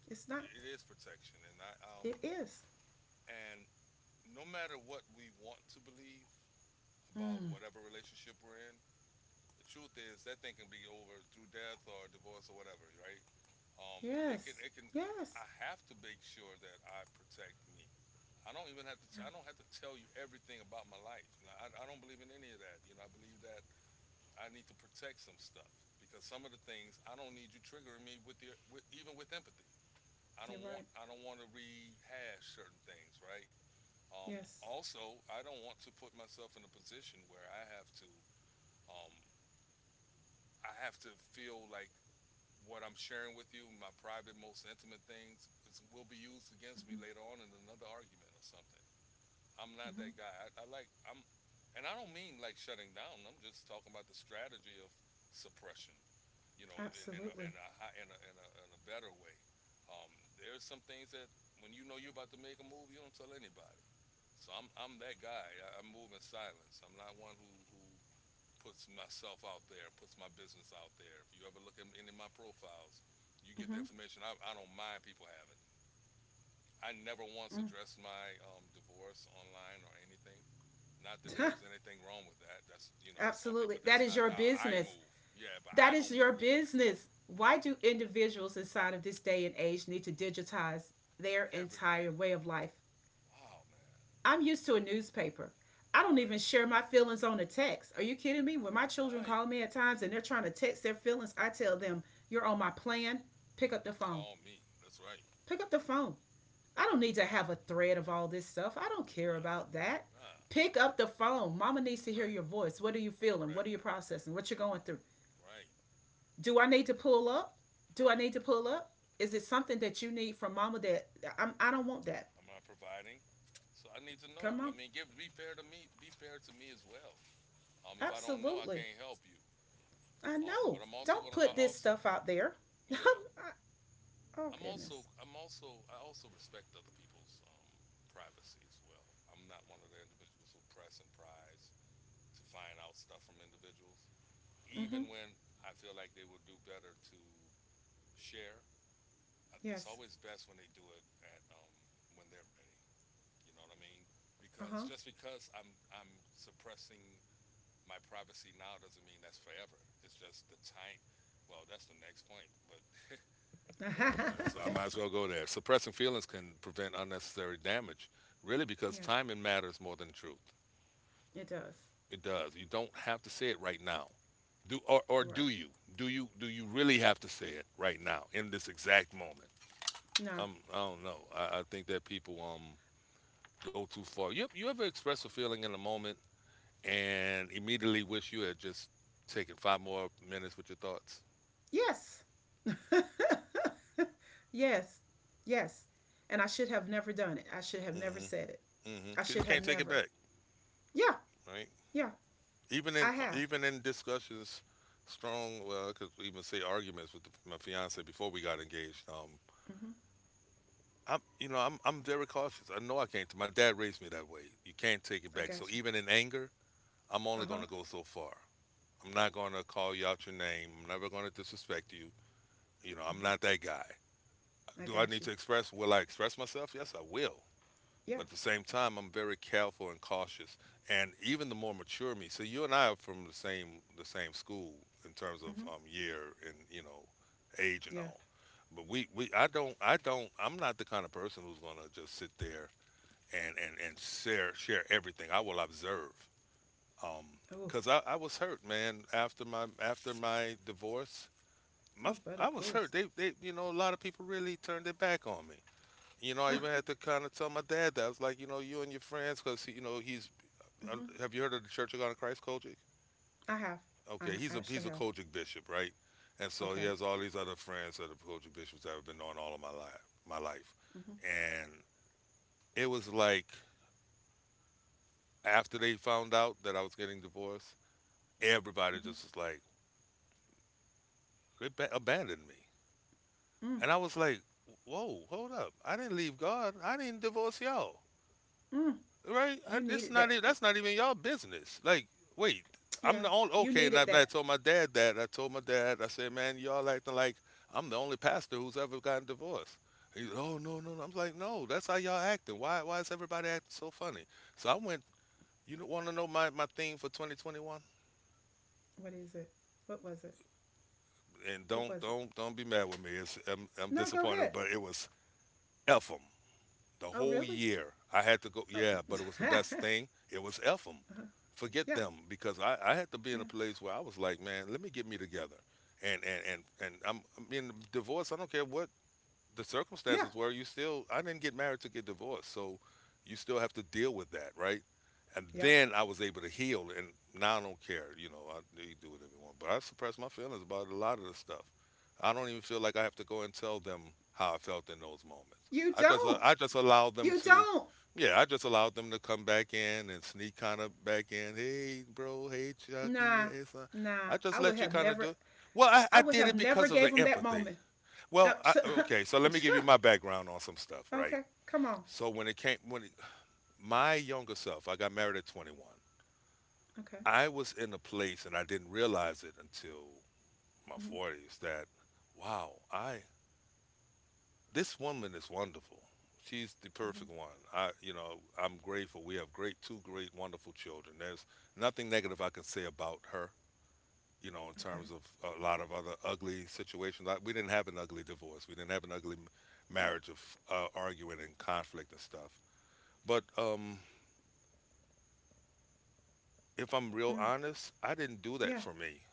Speaker 2: It's not.
Speaker 1: It is protection, and I
Speaker 2: It is.
Speaker 1: and no matter what we want to believe about
Speaker 2: Mm.
Speaker 1: whatever relationship we're in, the truth is that thing can be over through death or divorce or whatever, right? Um, it can,
Speaker 2: Yes.
Speaker 1: it can. I
Speaker 2: Yes.
Speaker 1: have to make sure that I protect me. I don't even have to.
Speaker 2: Yeah,
Speaker 1: I don't have to tell you everything about my life. You know, I don't believe in any of that. You know, I believe that I need to protect some stuff because some of the things I don't need you triggering me even with empathy. I
Speaker 2: you're
Speaker 1: don't want.
Speaker 2: right.
Speaker 1: I don't want to rehash certain things, right?
Speaker 2: Yes.
Speaker 1: Also, I don't want to put myself in a position where I have to. Um, I have to feel like what I'm sharing with you, my private, most intimate things, will be used against me
Speaker 2: Mm-hmm.
Speaker 1: later on in another argument or something. I'm not
Speaker 2: Mm-hmm.
Speaker 1: that guy. I like I'm, and I don't mean like shutting down. I'm just talking about the strategy of suppression. You know, in, a, in,
Speaker 2: Absolutely.
Speaker 1: a, in, a, in, a, in a better way. Um, there's some things that when you know you're about to make a move, you don't tell anybody. So I'm that guy. I move in silence. I'm not one who puts myself out there, puts my business out there. If you ever look at any of my profiles, you get the
Speaker 2: Mm-hmm.
Speaker 1: information I don't mind people having. I never once addressed my divorce online or anything. Not that
Speaker 2: Mm.
Speaker 1: there's anything wrong with that. That's
Speaker 2: (laughs)
Speaker 1: on
Speaker 2: Absolutely.
Speaker 1: people.
Speaker 2: That
Speaker 1: That's
Speaker 2: is
Speaker 1: not
Speaker 2: your
Speaker 1: how I
Speaker 2: business.
Speaker 1: move. Yeah, but I
Speaker 2: That is
Speaker 1: don't move
Speaker 2: your
Speaker 1: like
Speaker 2: business. Why do individuals inside of this day and age need to digitize their
Speaker 1: that.
Speaker 2: entire
Speaker 1: Everything.
Speaker 2: way of life?
Speaker 1: Wow, man.
Speaker 2: I'm used to a newspaper. I don't even
Speaker 1: Right.
Speaker 2: share my feelings on a text. Are you kidding me? When my children
Speaker 1: Right.
Speaker 2: call me at times and they're trying to text their feelings, I tell them, you're on my plan. Pick up
Speaker 1: Hmm.
Speaker 2: the phone.
Speaker 1: Call me. That's right.
Speaker 2: Pick up the phone. I don't need to have a thread of all this stuff. I don't care
Speaker 1: Nah.
Speaker 2: about that.
Speaker 1: Nah.
Speaker 2: Pick up the phone. Mama needs to hear
Speaker 1: Correct.
Speaker 2: your voice. What are you feeling? What are
Speaker 1: Correct.
Speaker 2: you processing? What you're going through?
Speaker 1: Right.
Speaker 2: Do I need to pull up? Do I
Speaker 1: Right.
Speaker 2: need to pull up? Is it something that you need from mama that I'm, I don't want that?
Speaker 1: I'm not providing. So I need to
Speaker 2: Come
Speaker 1: know. I
Speaker 2: on.
Speaker 1: mean, give be fair to me. Be fair to me as well. If I don't know, I
Speaker 2: Absolutely.
Speaker 1: can't help you.
Speaker 2: I
Speaker 1: But
Speaker 2: know.
Speaker 1: I'm also
Speaker 2: Don't
Speaker 1: gonna. I
Speaker 2: put this
Speaker 1: also,
Speaker 2: stuff out there.
Speaker 1: yeah.
Speaker 2: (laughs) Oh goodness.
Speaker 1: I also respect other people's privacy as well. I'm not one of the individuals who press and prize to find out stuff from individuals,
Speaker 2: Mm-hmm.
Speaker 1: even when I feel like they would do better to share. It's
Speaker 2: Yes.
Speaker 1: always best when they do it at when they're ready. You know what I mean? Because
Speaker 2: Uh-huh.
Speaker 1: just because I'm suppressing my privacy now doesn't mean that's forever. It's just the time. Well, that's the next point. But (laughs)
Speaker 2: (laughs)
Speaker 1: oh my
Speaker 2: Yeah,
Speaker 1: God! So I might as well go there. Suppressing feelings can prevent unnecessary damage, really, because timing matters more than truth.
Speaker 2: it does.
Speaker 1: It does. You don't have to say it right now. Do or
Speaker 2: You're right.
Speaker 1: do you? Do you really have to say it right now in this exact moment?
Speaker 2: No.
Speaker 1: I don't know. I think that people go too far. You ever express a feeling in a moment and immediately wish you had just taken 5 more minutes with your thoughts.
Speaker 2: Yes. (laughs) Yes. Yes. And I should have never done it. I should have never
Speaker 1: Hmm.
Speaker 2: said it.
Speaker 1: Hmm.
Speaker 2: I
Speaker 1: Because
Speaker 2: should
Speaker 1: you
Speaker 2: have
Speaker 1: can't take it
Speaker 2: never.
Speaker 1: back,
Speaker 2: Yeah.
Speaker 1: right?
Speaker 2: Yeah.
Speaker 1: Even in
Speaker 2: I
Speaker 1: uh,
Speaker 2: have.
Speaker 1: even in discussions, strong. Well, I could even say arguments with my fiance before we got engaged.
Speaker 2: Mm-hmm.
Speaker 1: I'm very cautious. I know I can't. My dad raised me that way. You can't take it
Speaker 2: I
Speaker 1: back. So
Speaker 2: got you.
Speaker 1: even in anger, I'm
Speaker 2: Uh
Speaker 1: only going
Speaker 2: huh.
Speaker 1: to go so far. I'm not going to call you out your name. I'm never going to disrespect you. You know, I'm
Speaker 2: Mm-hmm.
Speaker 1: not that guy.
Speaker 2: I
Speaker 1: Do I
Speaker 2: got
Speaker 1: need
Speaker 2: you.
Speaker 1: to express? Will I express myself? Yes, I will.
Speaker 2: Yeah.
Speaker 1: But at the same time, I'm very careful and cautious, and even the more mature me. So you and I are from the same school in terms of
Speaker 2: Mm-hmm.
Speaker 1: year and age and
Speaker 2: Yeah.
Speaker 1: all. But we I'm not the kind of person who's gonna just sit there and share everything. I will observe. Um,
Speaker 2: Oh.
Speaker 1: Cause I was hurt, man. After my divorce, my
Speaker 2: Oh, but of
Speaker 1: I was hurt.
Speaker 2: course.
Speaker 1: They you know A lot of people really turned their back on me. I even had
Speaker 2: (laughs)
Speaker 1: to kind of tell my dad that. I was like, you and your friends, because, he's,
Speaker 2: Mm-hmm.
Speaker 1: have you heard of the Church of God in Christ, Kojic?
Speaker 2: I have.
Speaker 1: Okay, he's
Speaker 2: I
Speaker 1: a he's
Speaker 2: actually
Speaker 1: a
Speaker 2: have.
Speaker 1: Kojic bishop, right? And so he
Speaker 2: Okay.
Speaker 1: has all these other friends that are Kojic bishops that I've been knowing all of my life, my life.
Speaker 2: Mm-hmm.
Speaker 1: And it was like after they found out that I was getting divorced, everybody
Speaker 2: Mm-hmm,
Speaker 1: just was like, they abandoned me.
Speaker 2: mm,
Speaker 1: And I was like, whoa, hold up. I didn't leave God. I didn't divorce y'all,
Speaker 2: mm.
Speaker 1: right?
Speaker 2: You
Speaker 1: It's
Speaker 2: needed
Speaker 1: not.
Speaker 2: that.
Speaker 1: That's not even y'all business. Like, wait, I'm
Speaker 2: Yeah,
Speaker 1: the only.
Speaker 2: you
Speaker 1: Okay, and I,
Speaker 2: needed
Speaker 1: I
Speaker 2: that.
Speaker 1: told my dad that. I told my dad. I said, man, y'all acting like I'm the only pastor who's ever gotten divorced. He's, oh, no, no, no. I'm like, no, that's how y'all acting. Why is everybody acting so funny? So I went. You want to know my theme for 2021?
Speaker 2: What is it? What was it?
Speaker 1: And
Speaker 2: What
Speaker 1: don't
Speaker 2: was it?
Speaker 1: don't don't be mad with me. I'm
Speaker 2: No, go
Speaker 1: disappointed,
Speaker 2: ahead.
Speaker 1: but it was F 'em, the
Speaker 2: Oh,
Speaker 1: whole
Speaker 2: really?
Speaker 1: year. I had to go.
Speaker 2: Oh.
Speaker 1: Yeah, but it was the best
Speaker 2: (laughs)
Speaker 1: thing. It was Ephraim.
Speaker 2: Uh-huh.
Speaker 1: Forget
Speaker 2: Yeah,
Speaker 1: them because I had to be in
Speaker 2: yeah,
Speaker 1: a place where I was like, man, let me get me together. And I mean, divorce. I don't care what the
Speaker 2: yeah,
Speaker 1: circumstances were, you still I didn't get married to get divorced, so you still have to deal with that, right? And
Speaker 2: yeah.
Speaker 1: then I was able to heal, and now I don't care. I They do whatever you want, but I suppress my feelings about a lot of the stuff. I don't even feel like I have to go and tell them how I felt in those moments.
Speaker 2: You
Speaker 1: I just
Speaker 2: don't.
Speaker 1: I just allow them
Speaker 2: You
Speaker 1: to.
Speaker 2: don't.
Speaker 1: Yeah, I just allowed them to come back in and sneak kind of back in. Hey, bro. Hey, Chucky.
Speaker 2: Nah,
Speaker 1: Hey, son.
Speaker 2: nah.
Speaker 1: I
Speaker 2: I
Speaker 1: just
Speaker 2: would
Speaker 1: let you
Speaker 2: have
Speaker 1: kind of
Speaker 2: never.
Speaker 1: do. Well, I,
Speaker 2: I
Speaker 1: I
Speaker 2: would
Speaker 1: did
Speaker 2: have
Speaker 1: it
Speaker 2: never
Speaker 1: because of the
Speaker 2: gave him that
Speaker 1: empathy.
Speaker 2: moment. Uh,
Speaker 1: Well,
Speaker 2: t-
Speaker 1: okay, so let me give you my background on some stuff,
Speaker 2: (laughs)
Speaker 1: right?
Speaker 2: okay, come on.
Speaker 1: So when it came, when it, My younger self, I got married at 21.
Speaker 2: Okay.
Speaker 1: I was in a place, and I didn't realize it until my
Speaker 2: Mm-hmm.
Speaker 1: 40s that, wow, I this woman is wonderful. She's the
Speaker 2: Mm-hmm.
Speaker 1: perfect one. I'm grateful. We have two great, wonderful children. There's nothing negative I can say about her, in
Speaker 2: Okay.
Speaker 1: terms of a lot of other ugly situations. Like, we didn't have an ugly divorce. We didn't have an ugly
Speaker 2: Mm-hmm.
Speaker 1: marriage of arguing and conflict and stuff. But if I'm real
Speaker 2: Mm.
Speaker 1: honest, I didn't do
Speaker 2: Yeah.
Speaker 1: that for me.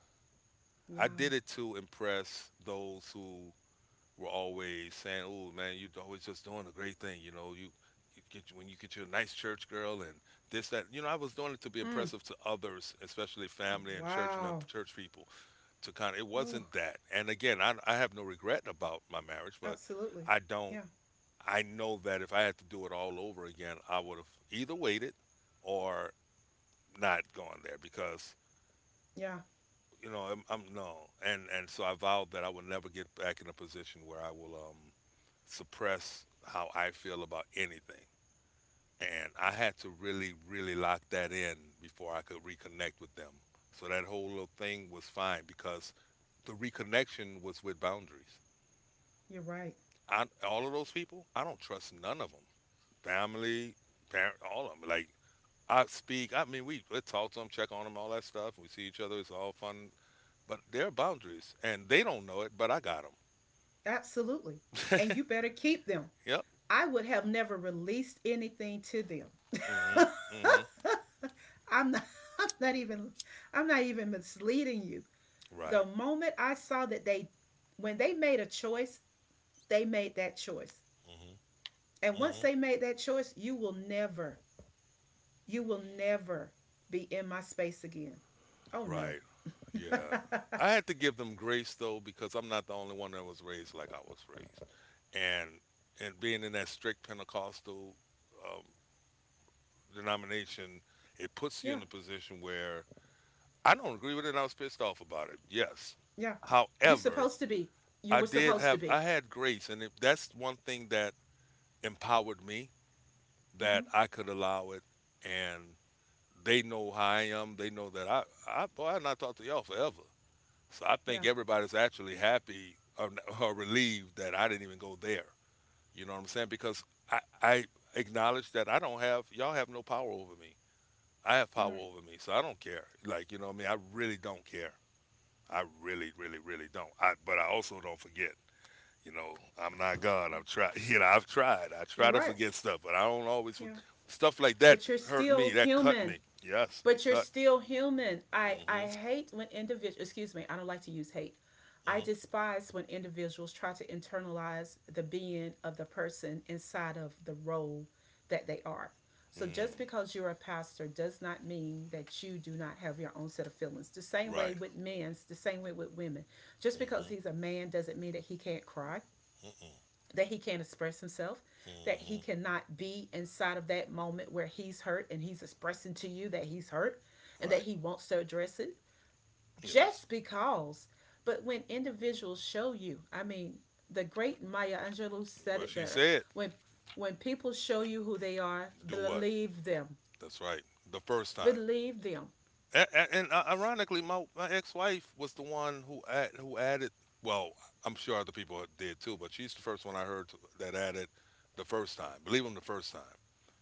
Speaker 1: I
Speaker 2: Wow.
Speaker 1: did it to impress those who were always saying, "Oh, man, you're always just doing a great thing." You get when you get you a nice church girl and this that. I was doing it to be
Speaker 2: Mm.
Speaker 1: impressive to others, especially
Speaker 2: Oh,
Speaker 1: family and
Speaker 2: wow.
Speaker 1: church people. To kind of It
Speaker 2: Oh,
Speaker 1: wasn't that, and again, I have no regret about my marriage, but
Speaker 2: absolutely.
Speaker 1: i don't
Speaker 2: Yeah.
Speaker 1: I know that if I had to do it all over again, I would have either waited or not gone there, because
Speaker 2: Yeah.
Speaker 1: you know I'm no and so I vowed that I would never get back in a position where I will suppress how I feel about anything, and I had to really lock that in before I could reconnect with them, so that whole little thing was fine because the reconnection was with boundaries.
Speaker 2: You're right.
Speaker 1: All of those people, I don't trust none of them. Family, parent, all of them. Like, I mean, we talk to them, check on them, all that stuff. We see each other. It's all fun, but there are boundaries, and they don't know it, but I got them.
Speaker 2: Absolutely. And you better keep them.
Speaker 1: Yep.
Speaker 2: I would have never released anything to them.
Speaker 1: Mm-hmm. Mm-hmm.
Speaker 2: (laughs) I'm not I'm not even I'm not even misleading you. The
Speaker 1: Right.
Speaker 2: moment I saw that they when they made a choice, they made that choice.
Speaker 1: Mm-hmm.
Speaker 2: And once
Speaker 1: Mm-hmm.
Speaker 2: they made that choice, you will never be in my space again. Oh no.
Speaker 1: Right. Yeah. I had to give them grace though, because I'm not the only one that was raised like I was raised, and and being in that strict Pentecostal um, denomination, it puts you
Speaker 2: (laughs) Yeah.
Speaker 1: in a position where I don't agree with it, and I was pissed off about it. Yes.
Speaker 2: Yeah. You're
Speaker 1: However,
Speaker 2: supposed to be. You
Speaker 1: I
Speaker 2: were
Speaker 1: did
Speaker 2: supposed to
Speaker 1: have
Speaker 2: be.
Speaker 1: I had grace, and that's one thing that empowered me
Speaker 2: Mm-hmm.
Speaker 1: that I could allow it, and they know how I am. They know that, I boy, I not talked to y'all forever, so I think
Speaker 2: Yeah.
Speaker 1: everybody's actually happy, or relieved that I didn't even go there. You know what I'm saying? Because I acknowledge that I don't have y'all have no power over me. I have
Speaker 2: You're
Speaker 1: power
Speaker 2: right.
Speaker 1: over me, so I don't care. Like, you know what I mean? I really don't care. I really, really, really don't. I But I also don't forget. You know, I'm not God. I've tried. (laughs) I've tried. I try
Speaker 2: You're
Speaker 1: to
Speaker 2: right.
Speaker 1: forget stuff, but I don't always.
Speaker 2: Yeah.
Speaker 1: Stuff like that
Speaker 2: But you're
Speaker 1: hurt me.
Speaker 2: still
Speaker 1: That cut
Speaker 2: human.
Speaker 1: me. Yes, it
Speaker 2: But you're
Speaker 1: cut.
Speaker 2: still human. I
Speaker 1: Hmm.
Speaker 2: hate when individuals, excuse me, I don't like to use hate. I
Speaker 1: Hmm.
Speaker 2: despise when individuals try to internalize the being of the person inside of the role that they are. So just
Speaker 1: Mm,
Speaker 2: because you're a pastor does not mean that you do not have your own set of feelings. The same way
Speaker 1: right.
Speaker 2: with men's, the same way with women. Just
Speaker 1: Hmm.
Speaker 2: because he's a man doesn't mean that he can't cry,
Speaker 1: Mm-mm.
Speaker 2: that he can't express himself, that
Speaker 1: Hmm.
Speaker 2: he cannot be inside of that moment where he's hurt and he's expressing to you that he's hurt and that
Speaker 1: Right.
Speaker 2: he wants to address it
Speaker 1: Yes.
Speaker 2: just because. But when individuals show you, I mean, the great Maya Angelou said
Speaker 1: Well,
Speaker 2: it
Speaker 1: she
Speaker 2: better.
Speaker 1: said,
Speaker 2: When when people show you who they are,
Speaker 1: "Do what?"
Speaker 2: believe them.
Speaker 1: That's right. The first time.
Speaker 2: Believe them.
Speaker 1: And ironically, my ex-wife was the one who who added. Well, I'm sure other people did too, but she's the first one I heard that added the first time. Believe them the first time.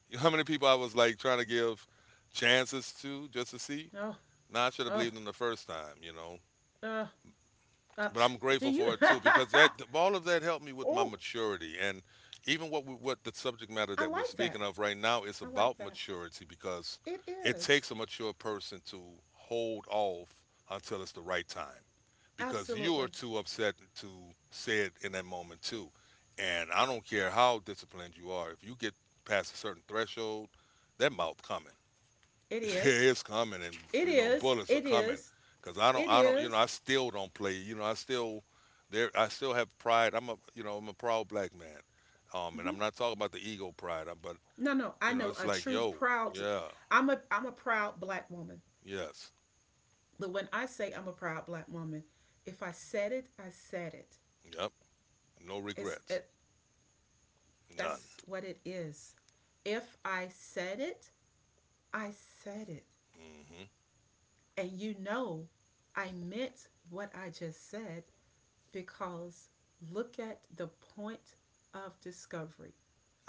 Speaker 1: You know how many people I was like trying to give chances to just to see?
Speaker 2: Oh,
Speaker 1: Nah, I should have
Speaker 2: oh,
Speaker 1: believed them the first time.
Speaker 2: oh. Uh,
Speaker 1: But I'm
Speaker 2: do
Speaker 1: grateful
Speaker 2: you?
Speaker 1: for it too, because that all of that helped me
Speaker 2: (laughs)
Speaker 1: with my
Speaker 2: Oh,
Speaker 1: maturity, and even what the subject matter
Speaker 2: I
Speaker 1: that we're
Speaker 2: like that.
Speaker 1: speaking of right now is
Speaker 2: I like
Speaker 1: about
Speaker 2: that.
Speaker 1: maturity, because
Speaker 2: It
Speaker 1: it
Speaker 2: is.
Speaker 1: takes a mature person to hold off until it's the right time, because you are
Speaker 2: Absolutely.
Speaker 1: too upset to say it in that moment too, and I don't care how disciplined you are, if you get past a certain threshold, that mouth coming.
Speaker 2: It
Speaker 1: (laughs) Yeah,
Speaker 2: is.
Speaker 1: it's coming, and
Speaker 2: It is.
Speaker 1: bullets are
Speaker 2: It
Speaker 1: coming.
Speaker 2: is.
Speaker 1: Cause I don't,
Speaker 2: It
Speaker 1: I don't,
Speaker 2: is.
Speaker 1: I still don't play. I still have pride. I'm a proud black man. And
Speaker 2: Mhm.
Speaker 1: I'm not talking about the ego pride, but
Speaker 2: No, no. I know
Speaker 1: it's
Speaker 2: a
Speaker 1: like,
Speaker 2: true
Speaker 1: yo,
Speaker 2: proud.
Speaker 1: yeah,
Speaker 2: I'm a proud black woman.
Speaker 1: yes,
Speaker 2: But when I say I'm a proud black woman, if I said it, I said it.
Speaker 1: yep, no
Speaker 2: It's
Speaker 1: regrets,
Speaker 2: it,
Speaker 1: none.
Speaker 2: that's what it is. If I said it, I said it.
Speaker 1: Mhm,
Speaker 2: And you know, I meant what I just said because look at the point of discovery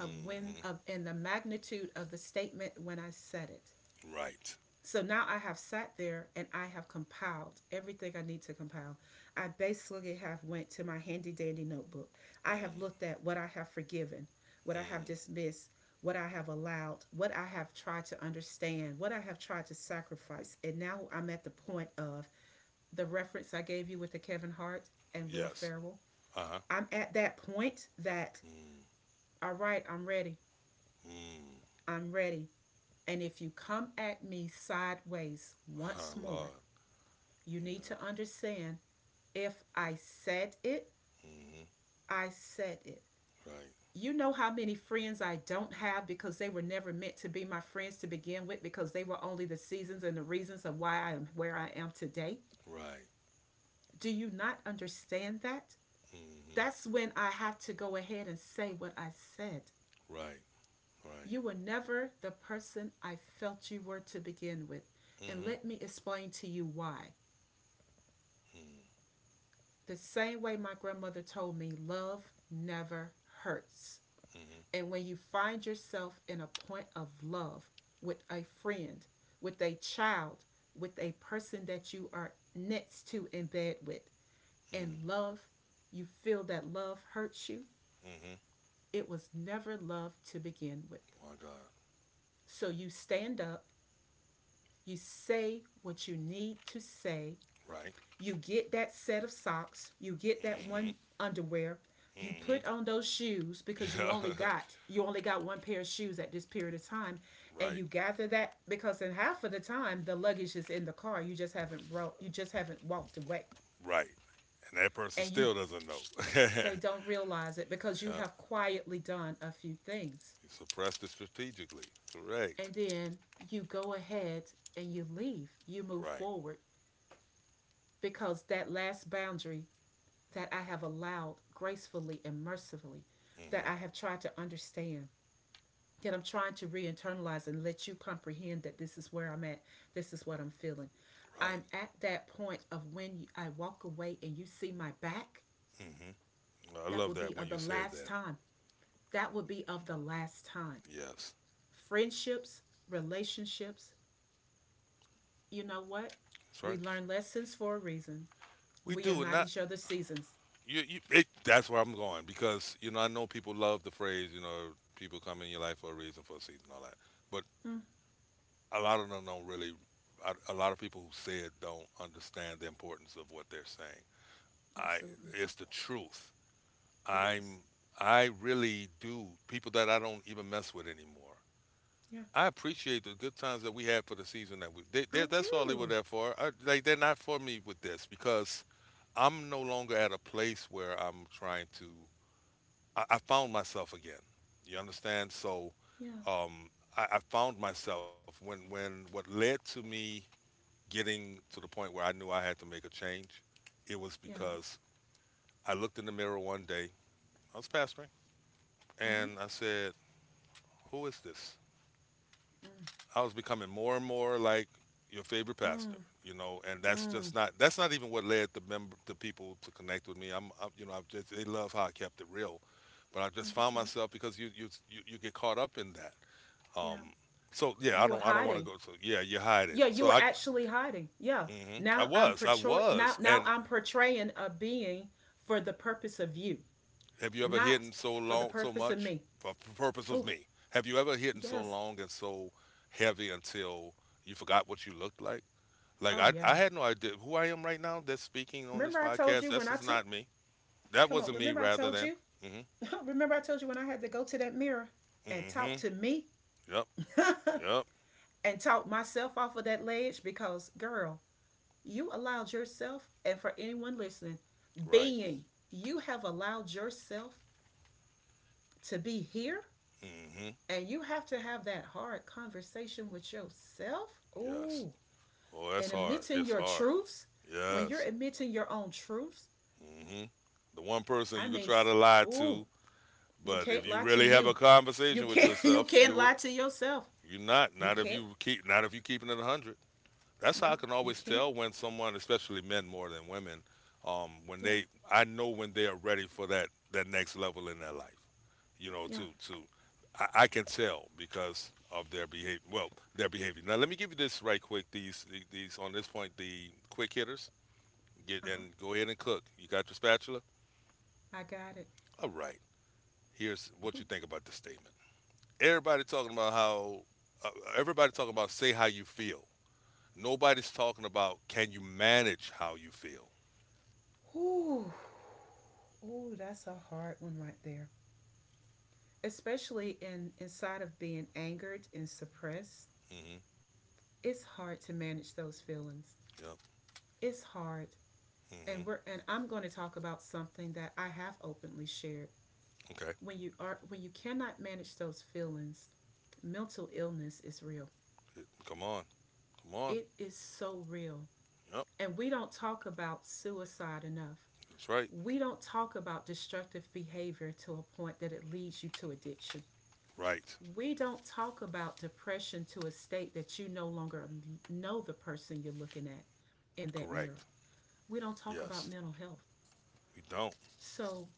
Speaker 2: of when of and the magnitude of the statement when I said it.
Speaker 1: right.
Speaker 2: So now I have sat there and I have compiled everything I need to compile. I basically have went to my handy dandy notebook. I have
Speaker 1: Mm,
Speaker 2: looked at what I have forgiven, what I have
Speaker 1: mm,
Speaker 2: dismissed, what I have allowed, what I have tried to understand, what I have tried to sacrifice. And now I'm at the point of the reference I gave you with the Kevin Hart and Will
Speaker 1: yes.
Speaker 2: Ferrell.
Speaker 1: Uh huh.
Speaker 2: I'm at that point that
Speaker 1: Mm,
Speaker 2: all right, I'm ready.
Speaker 1: mm.
Speaker 2: I'm ready. And if you come at me sideways
Speaker 1: Ah,
Speaker 2: once
Speaker 1: (laughs)
Speaker 2: more,
Speaker 1: Lord.
Speaker 2: you need
Speaker 1: Yeah.
Speaker 2: to understand if I said it,
Speaker 1: Mhm.
Speaker 2: I said it.
Speaker 1: Right.
Speaker 2: You know how many friends I don't have because they were never meant to be my friends to begin with because they were only the seasons and the reasons of why I am where I am today?
Speaker 1: Right.
Speaker 2: Do you not understand that?
Speaker 1: Mhm.
Speaker 2: That's when I have to go ahead and say what I said.
Speaker 1: Right. Right.
Speaker 2: You were never the person I felt you were to begin with. And
Speaker 1: Mhm.
Speaker 2: let me explain to you why.
Speaker 1: Mm-hmm.
Speaker 2: The same way my grandmother told me, love never hurts. And when you find yourself in a point of love with a friend, with a child, with a person that you are next to in bed with, and
Speaker 1: Mm-hmm.
Speaker 2: love, you feel that love hurts you,
Speaker 1: Mm-hmm.
Speaker 2: it was never love to begin with.
Speaker 1: My God.
Speaker 2: So you stand up, you say what you need to say,
Speaker 1: Right.
Speaker 2: you get that set of socks, you get that one
Speaker 1: Mm-hmm.
Speaker 2: underwear, you
Speaker 1: Mm-hmm.
Speaker 2: put on
Speaker 1: (laughs)
Speaker 2: those shoes because
Speaker 1: Yeah,
Speaker 2: you only got one pair of shoes at this period of time and
Speaker 1: right.
Speaker 2: you gather that because in half of the time the luggage is in the car you just haven't walked away
Speaker 1: Right. And that person
Speaker 2: and you
Speaker 1: still doesn't know. (laughs) Yeah.
Speaker 2: they don't realize it because you have quietly done a few things
Speaker 1: You suppressed it strategically. Correct.
Speaker 2: and then you go ahead and you leave, you move
Speaker 1: Right.
Speaker 2: forward because that last boundary that I have allowed gracefully and mercifully,
Speaker 1: Mm-hmm.
Speaker 2: that I have tried to understand, yet I'm trying to re internalize and let you comprehend that this is where I'm at, this is what I'm feeling.
Speaker 1: Right.
Speaker 2: I'm at that point of when you, I walk away and you see my back,
Speaker 1: Mm-hmm. I
Speaker 2: that
Speaker 1: love
Speaker 2: would
Speaker 1: that
Speaker 2: be
Speaker 1: when
Speaker 2: of the
Speaker 1: you said
Speaker 2: last
Speaker 1: that.
Speaker 2: time. That would be of the last time.
Speaker 1: Yes.
Speaker 2: Friendships, relationships, you know what?
Speaker 1: That's
Speaker 2: We
Speaker 1: right.
Speaker 2: learn lessons for a reason.
Speaker 1: We
Speaker 2: We are
Speaker 1: do, and
Speaker 2: not
Speaker 1: not
Speaker 2: each other's seasons.
Speaker 1: you. That's where I'm going, because I know people love the phrase. People come in your life for a reason, for a season, all that. But
Speaker 2: Mm,
Speaker 1: a lot of them don't really. A lot of people who say it don't understand the importance of what they're saying. I
Speaker 2: absolutely.
Speaker 1: It's the truth.
Speaker 2: It is.
Speaker 1: I'm I really do people that I don't even mess with anymore.
Speaker 2: Yeah.
Speaker 1: I appreciate the good times that we had for the season that we.
Speaker 2: I
Speaker 1: That's all they were
Speaker 2: do.
Speaker 1: there for. Like, they're not for me with this because I'm no longer at a place where I'm trying to. I found myself again. You understand?
Speaker 2: Yeah.
Speaker 1: Um, I found myself when what led to me getting to the point where I knew I had to make a change. It was
Speaker 2: Yeah.
Speaker 1: because I looked in the mirror one day. I was pastoring,
Speaker 2: Mm-hmm.
Speaker 1: and I said, "Who is this?" I was becoming more and more like your favorite
Speaker 2: Mm.
Speaker 1: pastor. And
Speaker 2: Mm.
Speaker 1: that's
Speaker 2: Mm.
Speaker 1: just not that's not even what led the people to connect with me. I'm, I you know, I've just They love how I kept it real, but I just found
Speaker 2: Understand.
Speaker 1: myself because you get caught up in that.
Speaker 2: Yeah.
Speaker 1: Um, so yeah,
Speaker 2: You were
Speaker 1: I don't want to
Speaker 2: hiding.
Speaker 1: go. So yeah, you hide it.
Speaker 2: Yeah,
Speaker 1: So
Speaker 2: you were
Speaker 1: I.
Speaker 2: actually hiding. Yeah.
Speaker 1: mm hmm I was, I was,
Speaker 2: Now
Speaker 1: and.
Speaker 2: I'm portraying a being for the purpose of you,
Speaker 1: Have you ever
Speaker 2: not
Speaker 1: hidden so
Speaker 2: for the
Speaker 1: long, so
Speaker 2: purpose of
Speaker 1: much
Speaker 2: me.
Speaker 1: for the purpose of
Speaker 2: Oh,
Speaker 1: me? Have you ever hidden so
Speaker 2: yes.
Speaker 1: long and so heavy until you forgot what you looked like? Like,
Speaker 2: Oh
Speaker 1: I
Speaker 2: yeah.
Speaker 1: had no idea who I am right now. That's speaking on this
Speaker 2: Remember I told
Speaker 1: podcast.
Speaker 2: you when
Speaker 1: This
Speaker 2: I
Speaker 1: is
Speaker 2: took
Speaker 1: not me. That
Speaker 2: Come on,
Speaker 1: wasn't me.
Speaker 2: remember I
Speaker 1: Rather
Speaker 2: told
Speaker 1: than.
Speaker 2: you?
Speaker 1: Mm-hmm.
Speaker 2: (laughs) Remember I told you when I had to go to that mirror and talk
Speaker 1: Mm-hmm.
Speaker 2: to me
Speaker 1: Yep.
Speaker 2: (laughs)
Speaker 1: Yep.
Speaker 2: and talk myself off of that ledge because girl, you allowed yourself, and for anyone listening,
Speaker 1: Right.
Speaker 2: being, you have allowed yourself to be here,
Speaker 1: Mm-hmm.
Speaker 2: and you have to have that hard conversation with yourself.
Speaker 1: Yes.
Speaker 2: Ooh,
Speaker 1: Oh,
Speaker 2: and
Speaker 1: that's hard.
Speaker 2: admitting
Speaker 1: It's
Speaker 2: your
Speaker 1: hard.
Speaker 2: truths. When you're
Speaker 1: Yes.
Speaker 2: admitting your own truths,
Speaker 1: Mm-hmm. The one person
Speaker 2: I
Speaker 1: you could
Speaker 2: mean,
Speaker 1: try to lie
Speaker 2: ooh,
Speaker 1: to,
Speaker 2: you
Speaker 1: but if
Speaker 2: can't
Speaker 1: you
Speaker 2: lie to
Speaker 1: really have
Speaker 2: you.
Speaker 1: a
Speaker 2: You
Speaker 1: conversation with
Speaker 2: can't. (laughs) You
Speaker 1: yourself,
Speaker 2: can't
Speaker 1: you
Speaker 2: lie to yourself.
Speaker 1: You're not.
Speaker 2: You
Speaker 1: Not if
Speaker 2: can't.
Speaker 1: you keep. Not if you keeping it a hundred. That's how I
Speaker 2: No,
Speaker 1: can
Speaker 2: you
Speaker 1: always
Speaker 2: can't.
Speaker 1: tell when someone, especially men more than women, when
Speaker 2: Yeah,
Speaker 1: they. I know when they are ready for that next level in their life. You know,
Speaker 2: yeah.
Speaker 1: I can tell because of their behavior. Well, their behavior. Now let me give you this right quick. These on this point, the quick hitters
Speaker 2: Uh
Speaker 1: get
Speaker 2: huh.
Speaker 1: and go ahead and cook. You got your spatula.
Speaker 2: I got it.
Speaker 1: All right. Here's what you think about this statement. Everybody talking about how. Uh, everybody talking about say how you feel. Nobody's talking about, can you manage how you feel?
Speaker 2: Ooh. Ooh, that's a hard one right there. Especially in inside of being angered and suppressed,
Speaker 1: Hmm.
Speaker 2: it's hard to manage those feelings.
Speaker 1: Yep.
Speaker 2: It's hard.
Speaker 1: Hmm.
Speaker 2: And I'm going to talk about something that I have openly shared.
Speaker 1: Okay.
Speaker 2: When you cannot manage those feelings, mental illness is real.
Speaker 1: Come on. Come on.
Speaker 2: It is so real.
Speaker 1: Yep.
Speaker 2: And we don't talk about suicide enough.
Speaker 1: That's right.
Speaker 2: We don't talk about destructive behavior to a point that it leads you to addiction.
Speaker 1: Right.
Speaker 2: We don't talk about depression to a state that you no longer know the person you're looking at in
Speaker 1: Correct.
Speaker 2: that mirror. We don't
Speaker 1: Yes.
Speaker 2: talk about mental health.
Speaker 1: We don't.
Speaker 2: So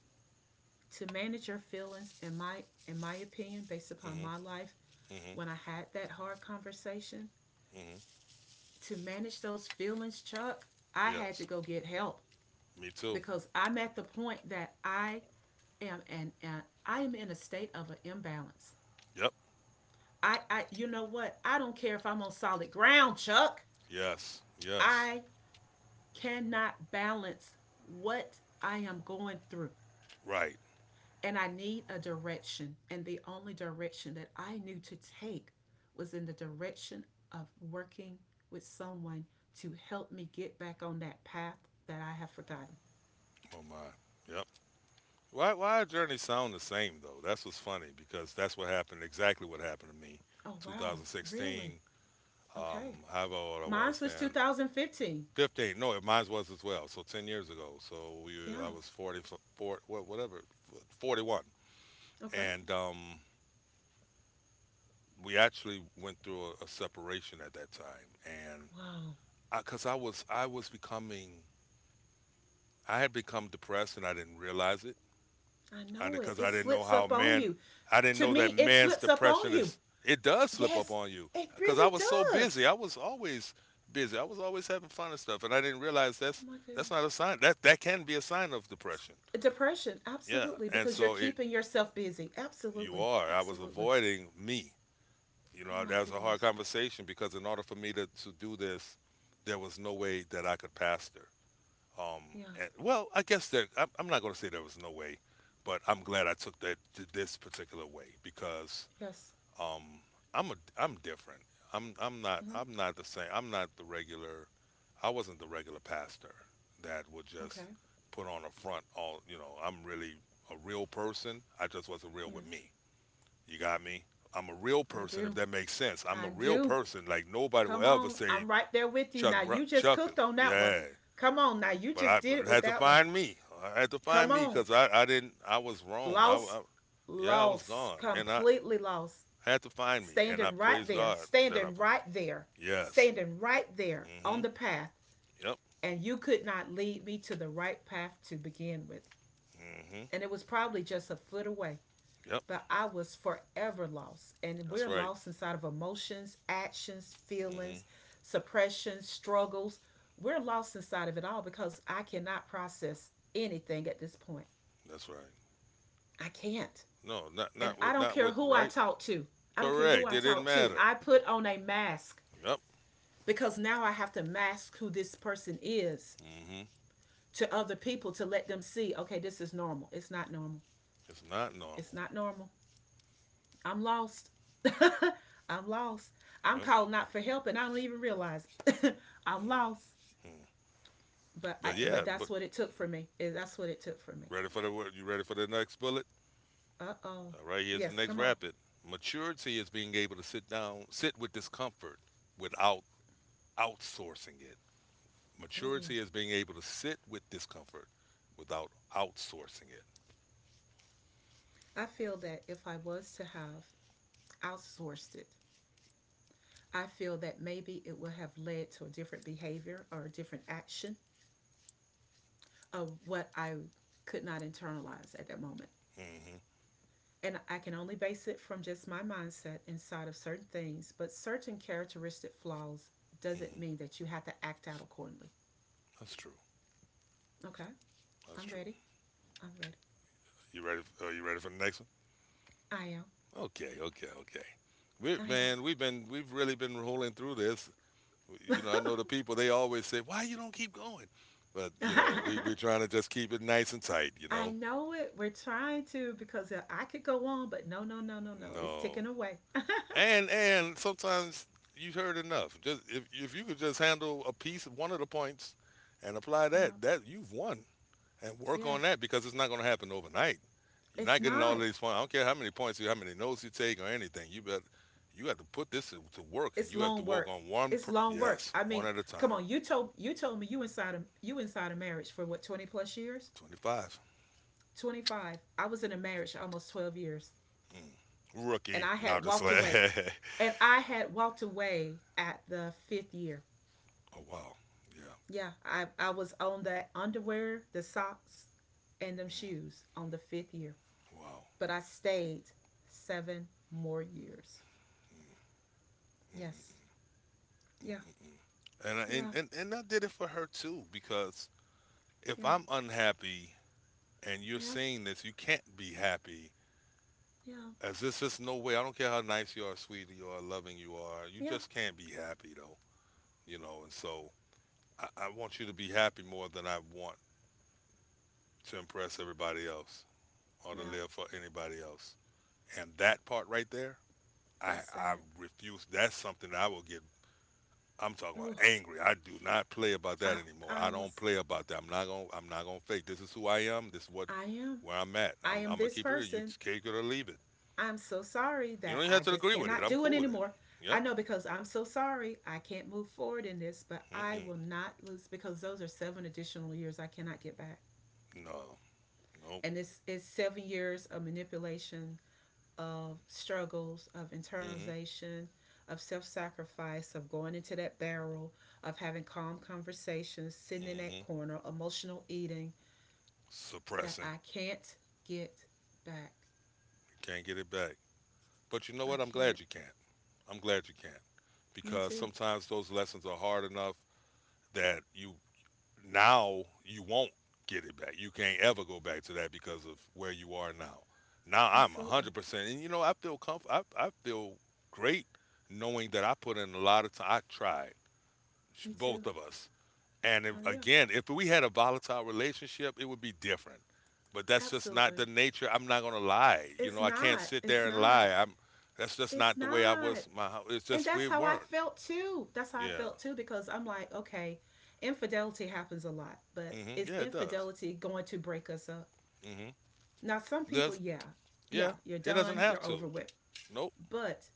Speaker 2: to manage your feelings, in my opinion, based upon
Speaker 1: Hmm.
Speaker 2: my life,
Speaker 1: Hmm.
Speaker 2: when I had that hard conversation,
Speaker 1: Hmm.
Speaker 2: to manage those feelings, Chuck, I had to
Speaker 1: Yes.
Speaker 2: go get help
Speaker 1: Me too.
Speaker 2: because I'm at the point that I am, and I am in a state of an imbalance.
Speaker 1: Yep.
Speaker 2: I you know what? I don't care if I'm on solid ground, Chuck.
Speaker 1: Yes. Yes.
Speaker 2: I cannot balance what I am going through.
Speaker 1: Right.
Speaker 2: And I need a direction. And the only direction that I knew to take was in the direction of working with someone to help me get back on that path that I have forgotten.
Speaker 1: Oh my. Yep. Why our journeys sound the same though? That's what's funny because that's what happened, exactly what happened to me.
Speaker 2: Oh, wow. Really?
Speaker 1: 2016,
Speaker 2: Okay.
Speaker 1: um, however old I
Speaker 2: Mine
Speaker 1: was
Speaker 2: was
Speaker 1: then,
Speaker 2: 2015.
Speaker 1: 15. No, it mine was as well. So 10 years ago. So we, I
Speaker 2: Yeah.
Speaker 1: was 44, whatever, 41.
Speaker 2: Okay.
Speaker 1: And we actually went through a separation at that time. And
Speaker 2: Wow.
Speaker 1: because I, 'cause I was becoming, I had become depressed and I didn't realize it.
Speaker 2: I
Speaker 1: And
Speaker 2: know it.
Speaker 1: because
Speaker 2: It
Speaker 1: I didn't know
Speaker 2: slips
Speaker 1: how
Speaker 2: up on
Speaker 1: man,
Speaker 2: you.
Speaker 1: I didn't
Speaker 2: To
Speaker 1: know that
Speaker 2: me, it
Speaker 1: man's
Speaker 2: slips up on
Speaker 1: depression
Speaker 2: you.
Speaker 1: is, it does slip up
Speaker 2: Yes,
Speaker 1: on you.
Speaker 2: it
Speaker 1: Because I
Speaker 2: really
Speaker 1: was so
Speaker 2: does.
Speaker 1: busy. I was always busy. I was always having fun and stuff. And I didn't realize
Speaker 2: Oh, my
Speaker 1: that's
Speaker 2: goodness.
Speaker 1: not a sign. That, that can be a sign of depression.
Speaker 2: Depression,
Speaker 1: Yeah,
Speaker 2: absolutely,
Speaker 1: and
Speaker 2: because you're
Speaker 1: so it
Speaker 2: keeping yourself busy.
Speaker 1: you
Speaker 2: Absolutely,
Speaker 1: are. I was
Speaker 2: absolutely.
Speaker 1: avoiding me. You
Speaker 2: Oh
Speaker 1: know,
Speaker 2: my
Speaker 1: that was a hard
Speaker 2: goodness.
Speaker 1: conversation because in order for me to, do this, there was no way that I could pastor. Um,
Speaker 2: Yeah.
Speaker 1: and, well, I guess there. I'm not going to say there was no way, but I'm glad I took this particular way because
Speaker 2: Yes.
Speaker 1: um, I'm different.
Speaker 2: Mm-hmm.
Speaker 1: I'm not the same. I'm not the regular. I wasn't the regular pastor that would just
Speaker 2: Okay.
Speaker 1: put on a front. All you know, I'm really a real person. I just wasn't real with
Speaker 2: Yes,
Speaker 1: me. You got me. I'm a real
Speaker 2: I
Speaker 1: person, if
Speaker 2: do.
Speaker 1: that makes sense. I'm
Speaker 2: I
Speaker 1: a real
Speaker 2: do.
Speaker 1: person. Like nobody will
Speaker 2: Come
Speaker 1: ever
Speaker 2: on,
Speaker 1: say
Speaker 2: I'm right there with you.
Speaker 1: Chuck
Speaker 2: Now you just
Speaker 1: Chuck is
Speaker 2: cooked on that one.
Speaker 1: yeah.
Speaker 2: Come on, now you
Speaker 1: But
Speaker 2: just
Speaker 1: I
Speaker 2: did it
Speaker 1: but
Speaker 2: with
Speaker 1: had to
Speaker 2: that one.
Speaker 1: find me. I had to
Speaker 2: Come
Speaker 1: find me
Speaker 2: on,
Speaker 1: because I didn't. I was wrong. I,
Speaker 2: lost,
Speaker 1: I yeah I was
Speaker 2: lost,
Speaker 1: gone, and I
Speaker 2: completely lost.
Speaker 1: had to find me, and I
Speaker 2: Standing right
Speaker 1: praise
Speaker 2: there,
Speaker 1: God that I
Speaker 2: standing
Speaker 1: found
Speaker 2: right
Speaker 1: it.
Speaker 2: there,
Speaker 1: Yes.
Speaker 2: standing right there
Speaker 1: Hmm.
Speaker 2: on the path,
Speaker 1: Yep.
Speaker 2: and you could not lead me to the right path to begin with.
Speaker 1: Hmm.
Speaker 2: And it was probably just a foot away.
Speaker 1: Yep.
Speaker 2: But I was forever lost. And
Speaker 1: That's
Speaker 2: we're
Speaker 1: right.
Speaker 2: lost inside of emotions, actions,
Speaker 1: Hmm.
Speaker 2: feelings, suppressions, struggles. We're lost inside of it all because I cannot process anything at this point.
Speaker 1: That's right.
Speaker 2: I can't.
Speaker 1: No,
Speaker 2: And I don't
Speaker 1: not
Speaker 2: care
Speaker 1: with
Speaker 2: who I
Speaker 1: right.
Speaker 2: talk to. I don't care who
Speaker 1: Correct.
Speaker 2: I
Speaker 1: It didn't
Speaker 2: talk to.
Speaker 1: matter.
Speaker 2: I put on a mask
Speaker 1: Yep.
Speaker 2: because now I have to mask who this person is
Speaker 1: Hmm.
Speaker 2: to other people to let them see, okay, this is normal. It's not normal.
Speaker 1: It's not normal.
Speaker 2: It's not normal. I'm lost. (laughs) I'm lost. I'm
Speaker 1: Yep.
Speaker 2: calling out for help and I don't even realize. (laughs) I'm lost.
Speaker 1: Hmm.
Speaker 2: But I
Speaker 1: But yeah.
Speaker 2: but that's
Speaker 1: But
Speaker 2: what it took for me. That's what it took for me.
Speaker 1: ready for the word? You ready for the next bullet?
Speaker 2: Uh oh.
Speaker 1: All right. Here's the
Speaker 2: Yes,
Speaker 1: next
Speaker 2: come on.
Speaker 1: rapid. Maturity is being able to sit down, sit with discomfort without outsourcing it.
Speaker 2: Ooh.
Speaker 1: Maturity is being able to sit with discomfort without outsourcing it.
Speaker 2: I feel that if I was to have outsourced it, I feel that maybe it would have led to a different behavior or a different action of what I could not internalize at that moment.
Speaker 1: Hmm.
Speaker 2: And I can only base it from just my mindset inside of certain things, but certain characteristic flaws doesn't
Speaker 1: Hmm.
Speaker 2: mean that you have to act out accordingly.
Speaker 1: That's true.
Speaker 2: Okay,
Speaker 1: That's
Speaker 2: I'm
Speaker 1: true.
Speaker 2: ready. I'm ready.
Speaker 1: You ready? Are you ready for the next
Speaker 2: I am.
Speaker 1: one? Okay. Okay. Okay. We
Speaker 2: I
Speaker 1: man, we've really been rolling through this.
Speaker 2: am.
Speaker 1: You know, I know the people. They always say, "Why you don't keep going?" But you know, we're
Speaker 2: (laughs)
Speaker 1: trying to just keep it nice and tight. You
Speaker 2: I
Speaker 1: know,
Speaker 2: know it. We're trying to because I could go on, but no, no, no, no, no. It's
Speaker 1: no.
Speaker 2: ticking away. (laughs)
Speaker 1: And sometimes you've heard enough. Just if you could just handle a piece of one of the points and apply
Speaker 2: Yeah.
Speaker 1: that, that you've won. And work on
Speaker 2: Yes.
Speaker 1: that because it's not going to happen overnight. You're
Speaker 2: It's
Speaker 1: not getting all
Speaker 2: not.
Speaker 1: these points. I don't care how many points you, how many notes you take, or anything. You better, you have to put this to, work, and
Speaker 2: It's
Speaker 1: you have to
Speaker 2: long
Speaker 1: work
Speaker 2: work.
Speaker 1: on one.
Speaker 2: It's
Speaker 1: Per,
Speaker 2: long work.
Speaker 1: yes,
Speaker 2: I
Speaker 1: one
Speaker 2: mean,
Speaker 1: at a
Speaker 2: come
Speaker 1: time.
Speaker 2: on. You told me, you inside of marriage for what, 20 plus years?
Speaker 1: 25.
Speaker 2: 25. I was in a marriage almost 12 years
Speaker 1: Mm.
Speaker 2: and
Speaker 1: Rookie.
Speaker 2: I
Speaker 1: Now
Speaker 2: had
Speaker 1: just
Speaker 2: walked
Speaker 1: like,
Speaker 2: away.
Speaker 1: (laughs)
Speaker 2: And I had walked away at the fifth year.
Speaker 1: oh wow, yeah,
Speaker 2: Yeah, I was on the underwear, the socks, and them
Speaker 1: mm,
Speaker 2: shoes on the fifth year.
Speaker 1: wow.
Speaker 2: But I stayed seven more years. Yes. Yeah.
Speaker 1: Mm-mm-mm-mm. And,
Speaker 2: Yeah.
Speaker 1: and I did it for her too because if
Speaker 2: Yeah.
Speaker 1: I'm unhappy and you're
Speaker 2: Yeah.
Speaker 1: seeing this, you can't be happy.
Speaker 2: Yeah.
Speaker 1: As there's just no way. I don't care how nice you are, sweet you are, loving you are. You
Speaker 2: Yeah.
Speaker 1: just can't be happy though, you know. And so I want you to be happy more than I want to impress everybody else or to
Speaker 2: Yeah.
Speaker 1: live for anybody else. And that part right there,
Speaker 2: That's
Speaker 1: I
Speaker 2: sad.
Speaker 1: refuse. That's something that I will get. I'm talking about
Speaker 2: Oh,
Speaker 1: angry. I do not play about
Speaker 2: I
Speaker 1: that anymore.
Speaker 2: I
Speaker 1: I don't
Speaker 2: was
Speaker 1: play about that. I'm not gonna fake. This is who I am. This is what
Speaker 2: I am.
Speaker 1: where I'm at.
Speaker 2: I am
Speaker 1: I'm gonna
Speaker 2: this
Speaker 1: keep it. You
Speaker 2: person.
Speaker 1: take it or leave it.
Speaker 2: I'm so sorry
Speaker 1: You
Speaker 2: that
Speaker 1: don't even
Speaker 2: I
Speaker 1: have to
Speaker 2: just
Speaker 1: agree with it.
Speaker 2: cannot
Speaker 1: I'm
Speaker 2: do it
Speaker 1: cool with it.
Speaker 2: anymore. I
Speaker 1: Yep.
Speaker 2: know because I'm so sorry I can't move forward in this, but I
Speaker 1: Mm-mm.
Speaker 2: will not lose because those are seven additional years I cannot get back.
Speaker 1: No. Nope.
Speaker 2: And this is 7 years of manipulation, of struggles, of
Speaker 1: Mm-hmm.
Speaker 2: internalization, of self sacrifice, of going into that barrel, of having calm conversations, sitting in
Speaker 1: Mm-hmm.
Speaker 2: that corner, emotional eating
Speaker 1: Suppressing.
Speaker 2: that I can't get back.
Speaker 1: Can't get it back. But you know what? I'm
Speaker 2: I
Speaker 1: glad you
Speaker 2: can't.
Speaker 1: can't. I'm glad you can't.
Speaker 2: Me
Speaker 1: Because
Speaker 2: too.
Speaker 1: sometimes those lessons are hard enough that you now you won't get it back. You can't ever go back to that because of where you are now. Now I'm
Speaker 2: Absolutely.
Speaker 1: 100%. And you know, I feel great knowing that I put in a lot of time. I tried,
Speaker 2: Me too.
Speaker 1: both of us. And
Speaker 2: Uh,
Speaker 1: if,
Speaker 2: yeah,
Speaker 1: again, if we had a volatile relationship, it would be different. But that's just not
Speaker 2: absolutely.
Speaker 1: the nature. I'm not gonna lie. You
Speaker 2: It's
Speaker 1: know, I can't
Speaker 2: not.
Speaker 1: sit
Speaker 2: It's
Speaker 1: there and lie.
Speaker 2: not.
Speaker 1: I'm. That's just
Speaker 2: It's
Speaker 1: not the way I
Speaker 2: not.
Speaker 1: was. It's
Speaker 2: And
Speaker 1: just
Speaker 2: that's
Speaker 1: we
Speaker 2: how I
Speaker 1: weren't.
Speaker 2: felt too. That's how I
Speaker 1: Yeah.
Speaker 2: felt too because I'm like, okay, infidelity happens a lot, but
Speaker 1: Hmm.
Speaker 2: is
Speaker 1: Yeah, it does.
Speaker 2: infidelity going to break us up?
Speaker 1: Hmm.
Speaker 2: Now, some people,
Speaker 1: Does
Speaker 2: yeah,
Speaker 1: yeah.
Speaker 2: yeah, you're
Speaker 1: It doesn't
Speaker 2: done,
Speaker 1: have
Speaker 2: you're
Speaker 1: to.
Speaker 2: over with.
Speaker 1: Nope.
Speaker 2: But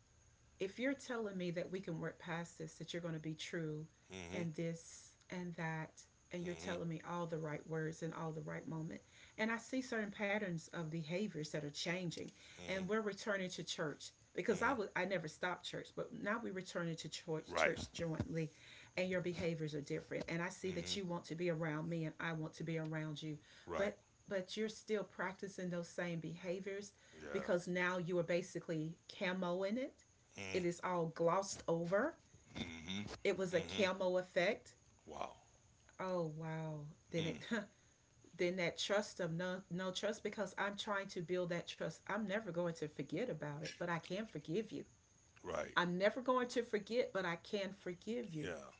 Speaker 2: if you're telling me that we can work past this, that you're going to be true
Speaker 1: Hmm.
Speaker 2: and this and that, and you're
Speaker 1: Hmm.
Speaker 2: telling me all the right words and all the right moment. And I see certain patterns of behaviors that are changing,
Speaker 1: Hmm.
Speaker 2: and we're returning to church because I
Speaker 1: Hmm.
Speaker 2: was I never stopped church, but now we're returning to church,
Speaker 1: Right.
Speaker 2: church jointly, and your behaviors are different. And I see
Speaker 1: Hmm.
Speaker 2: that you want to be around me, and I want to be around you,
Speaker 1: Right.
Speaker 2: but but you're still practicing those same behaviors
Speaker 1: Yeah.
Speaker 2: because now you are basically camoing it. It is all glossed over. It was a
Speaker 1: Mm-hmm. Hmm.
Speaker 2: camo effect.
Speaker 1: Wow.
Speaker 2: Oh wow. Then it
Speaker 1: Mm.
Speaker 2: (laughs) then that trust of no, no trust because I'm trying to build that trust. I'm never going to forget about it, but I can forgive you.
Speaker 1: Right.
Speaker 2: I'm never going to forget, but I can forgive you.
Speaker 1: Yeah.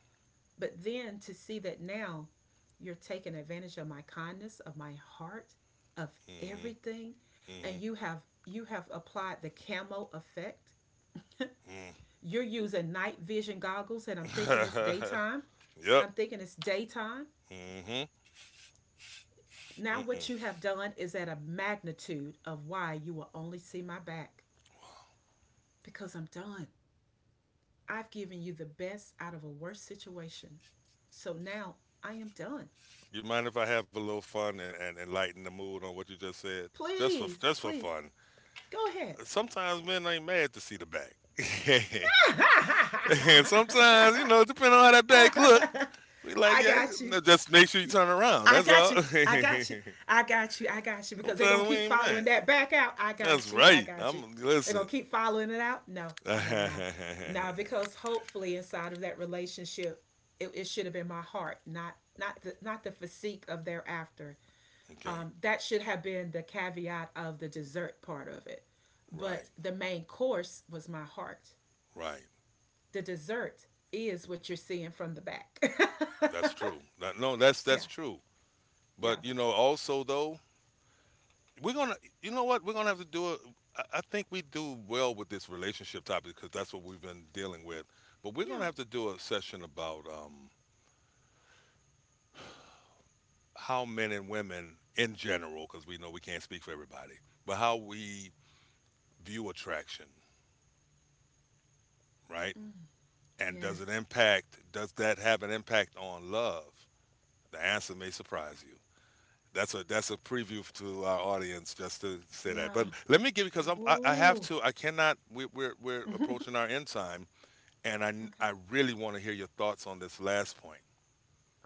Speaker 2: But then to see that now you're taking advantage of my kindness, of my heart, of
Speaker 1: Hmm.
Speaker 2: everything, and
Speaker 1: Hmm.
Speaker 2: you have applied the camo effect. You're using night vision goggles, and I'm thinking it's
Speaker 1: Mm.
Speaker 2: daytime.
Speaker 1: (laughs) yep.
Speaker 2: I'm thinking it's daytime.
Speaker 1: Mm-hmm.
Speaker 2: Now, what you
Speaker 1: Mm-mm.
Speaker 2: have done is at a magnitude of why you will only see my back because I'm done. I've given you the best out of a worst situation. So now I am done.
Speaker 1: You mind if I have a little fun and, lighten the mood on what you just said? Just
Speaker 2: Please,
Speaker 1: for
Speaker 2: please,
Speaker 1: fun.
Speaker 2: go ahead.
Speaker 1: Sometimes men ain't mad to see the back. (laughs) And sometimes, you know, depending on how that back look,
Speaker 2: (laughs)
Speaker 1: we like,
Speaker 2: I
Speaker 1: yeah,
Speaker 2: got you.
Speaker 1: no, just make sure you turn around.
Speaker 2: I
Speaker 1: That's
Speaker 2: got
Speaker 1: all.
Speaker 2: you. I got
Speaker 1: (laughs)
Speaker 2: you. I got you. I got you. Because they're going to
Speaker 1: sometimes we
Speaker 2: keep
Speaker 1: ain't
Speaker 2: following
Speaker 1: mad.
Speaker 2: that back out. I
Speaker 1: That's
Speaker 2: got you. I
Speaker 1: right.
Speaker 2: got you.
Speaker 1: I'm
Speaker 2: They're going
Speaker 1: listen.
Speaker 2: to keep following it out. No,
Speaker 1: (laughs)
Speaker 2: nah,
Speaker 1: okay.
Speaker 2: nah. Because hopefully inside of that relationship, it should have been my heart, not the physique of thereafter. That should have been the caveat of the dessert part of it.
Speaker 1: Right.
Speaker 2: But the main course was my heart.
Speaker 1: Right.
Speaker 2: The dessert is what you're seeing from the back.
Speaker 1: That's true. No,
Speaker 2: (laughs) Yeah,
Speaker 1: that's true. But
Speaker 2: yeah,
Speaker 1: you know, also though, We're gonna, you know what? We're gonna have to do it. I think we do well with this relationship topic because that's what we've been dealing with. But we're gonna
Speaker 2: yeah.
Speaker 1: have to do a session about how men and women in general, because we know we can't speak for everybody, but how we view attraction, right? And does it
Speaker 2: Yes.
Speaker 1: impact? Does that have an impact on love? The answer may surprise you. That's a preview to our audience just to say that. But
Speaker 2: Yeah.
Speaker 1: let me give you because I have
Speaker 2: Woo.
Speaker 1: to. I cannot. We're
Speaker 2: (laughs) Okay.
Speaker 1: approaching our end time, and I really want to hear your thoughts on this last point.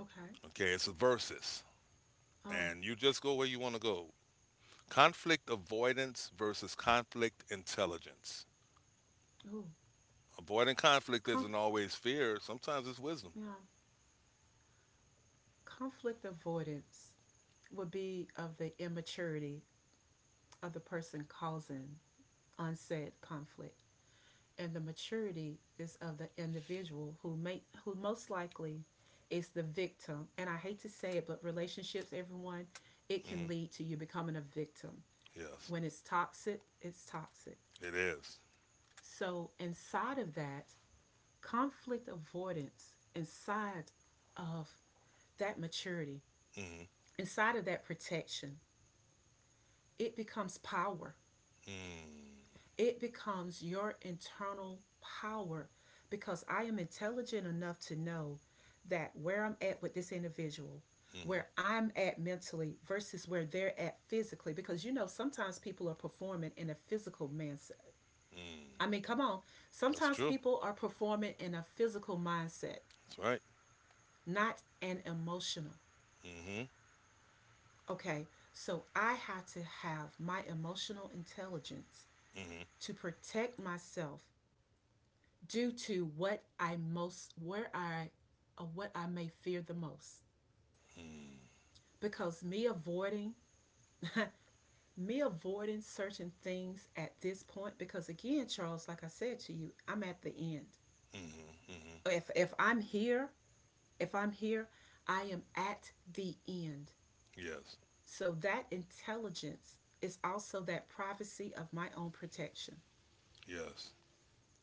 Speaker 2: Okay.
Speaker 1: Okay, it's a versus,
Speaker 2: Oh.
Speaker 1: and you just go where you want to go. Conflict avoidance versus conflict intelligence.
Speaker 2: Ooh.
Speaker 1: Avoiding conflict
Speaker 2: Conf-
Speaker 1: isn't always fear, sometimes it's wisdom.
Speaker 2: yeah. Conflict avoidance would be of the immaturity of the person causing unsaid conflict, and the maturity is of the individual who most likely is the victim. And I hate to say it, but relationships, everyone, it can
Speaker 1: Hmm.
Speaker 2: lead to you becoming a victim.
Speaker 1: Yes,
Speaker 2: When it's toxic, it's toxic.
Speaker 1: it is.
Speaker 2: So inside of that conflict avoidance, inside of that maturity,
Speaker 1: Mm-hmm.
Speaker 2: inside of that protection, it becomes power.
Speaker 1: Mm-hmm.
Speaker 2: It becomes your internal power because I am intelligent enough to know that where I'm at with this individual, where I'm at mentally versus where they're at physically. Because sometimes people are performing in a physical mindset. I
Speaker 1: Mm-hmm.
Speaker 2: mean, come on.
Speaker 1: That's
Speaker 2: Sometimes
Speaker 1: true.
Speaker 2: people are performing in a physical mindset,
Speaker 1: That's right.
Speaker 2: not an emotional.
Speaker 1: Mm-hmm.
Speaker 2: Okay, so I had to have my emotional intelligence
Speaker 1: Mm-hmm.
Speaker 2: to protect myself due to what I may fear the most.
Speaker 1: Mm-hmm.
Speaker 2: Because me avoiding, (laughs) me avoiding certain things at this point, because again, Charles, like I said to you, I'm at the end.
Speaker 1: Mm-hmm. Mm-hmm.
Speaker 2: If I'm here, if I'm here, I am at the end.
Speaker 1: Yes.
Speaker 2: So that intelligence is also that privacy of my own protection,
Speaker 1: Yes.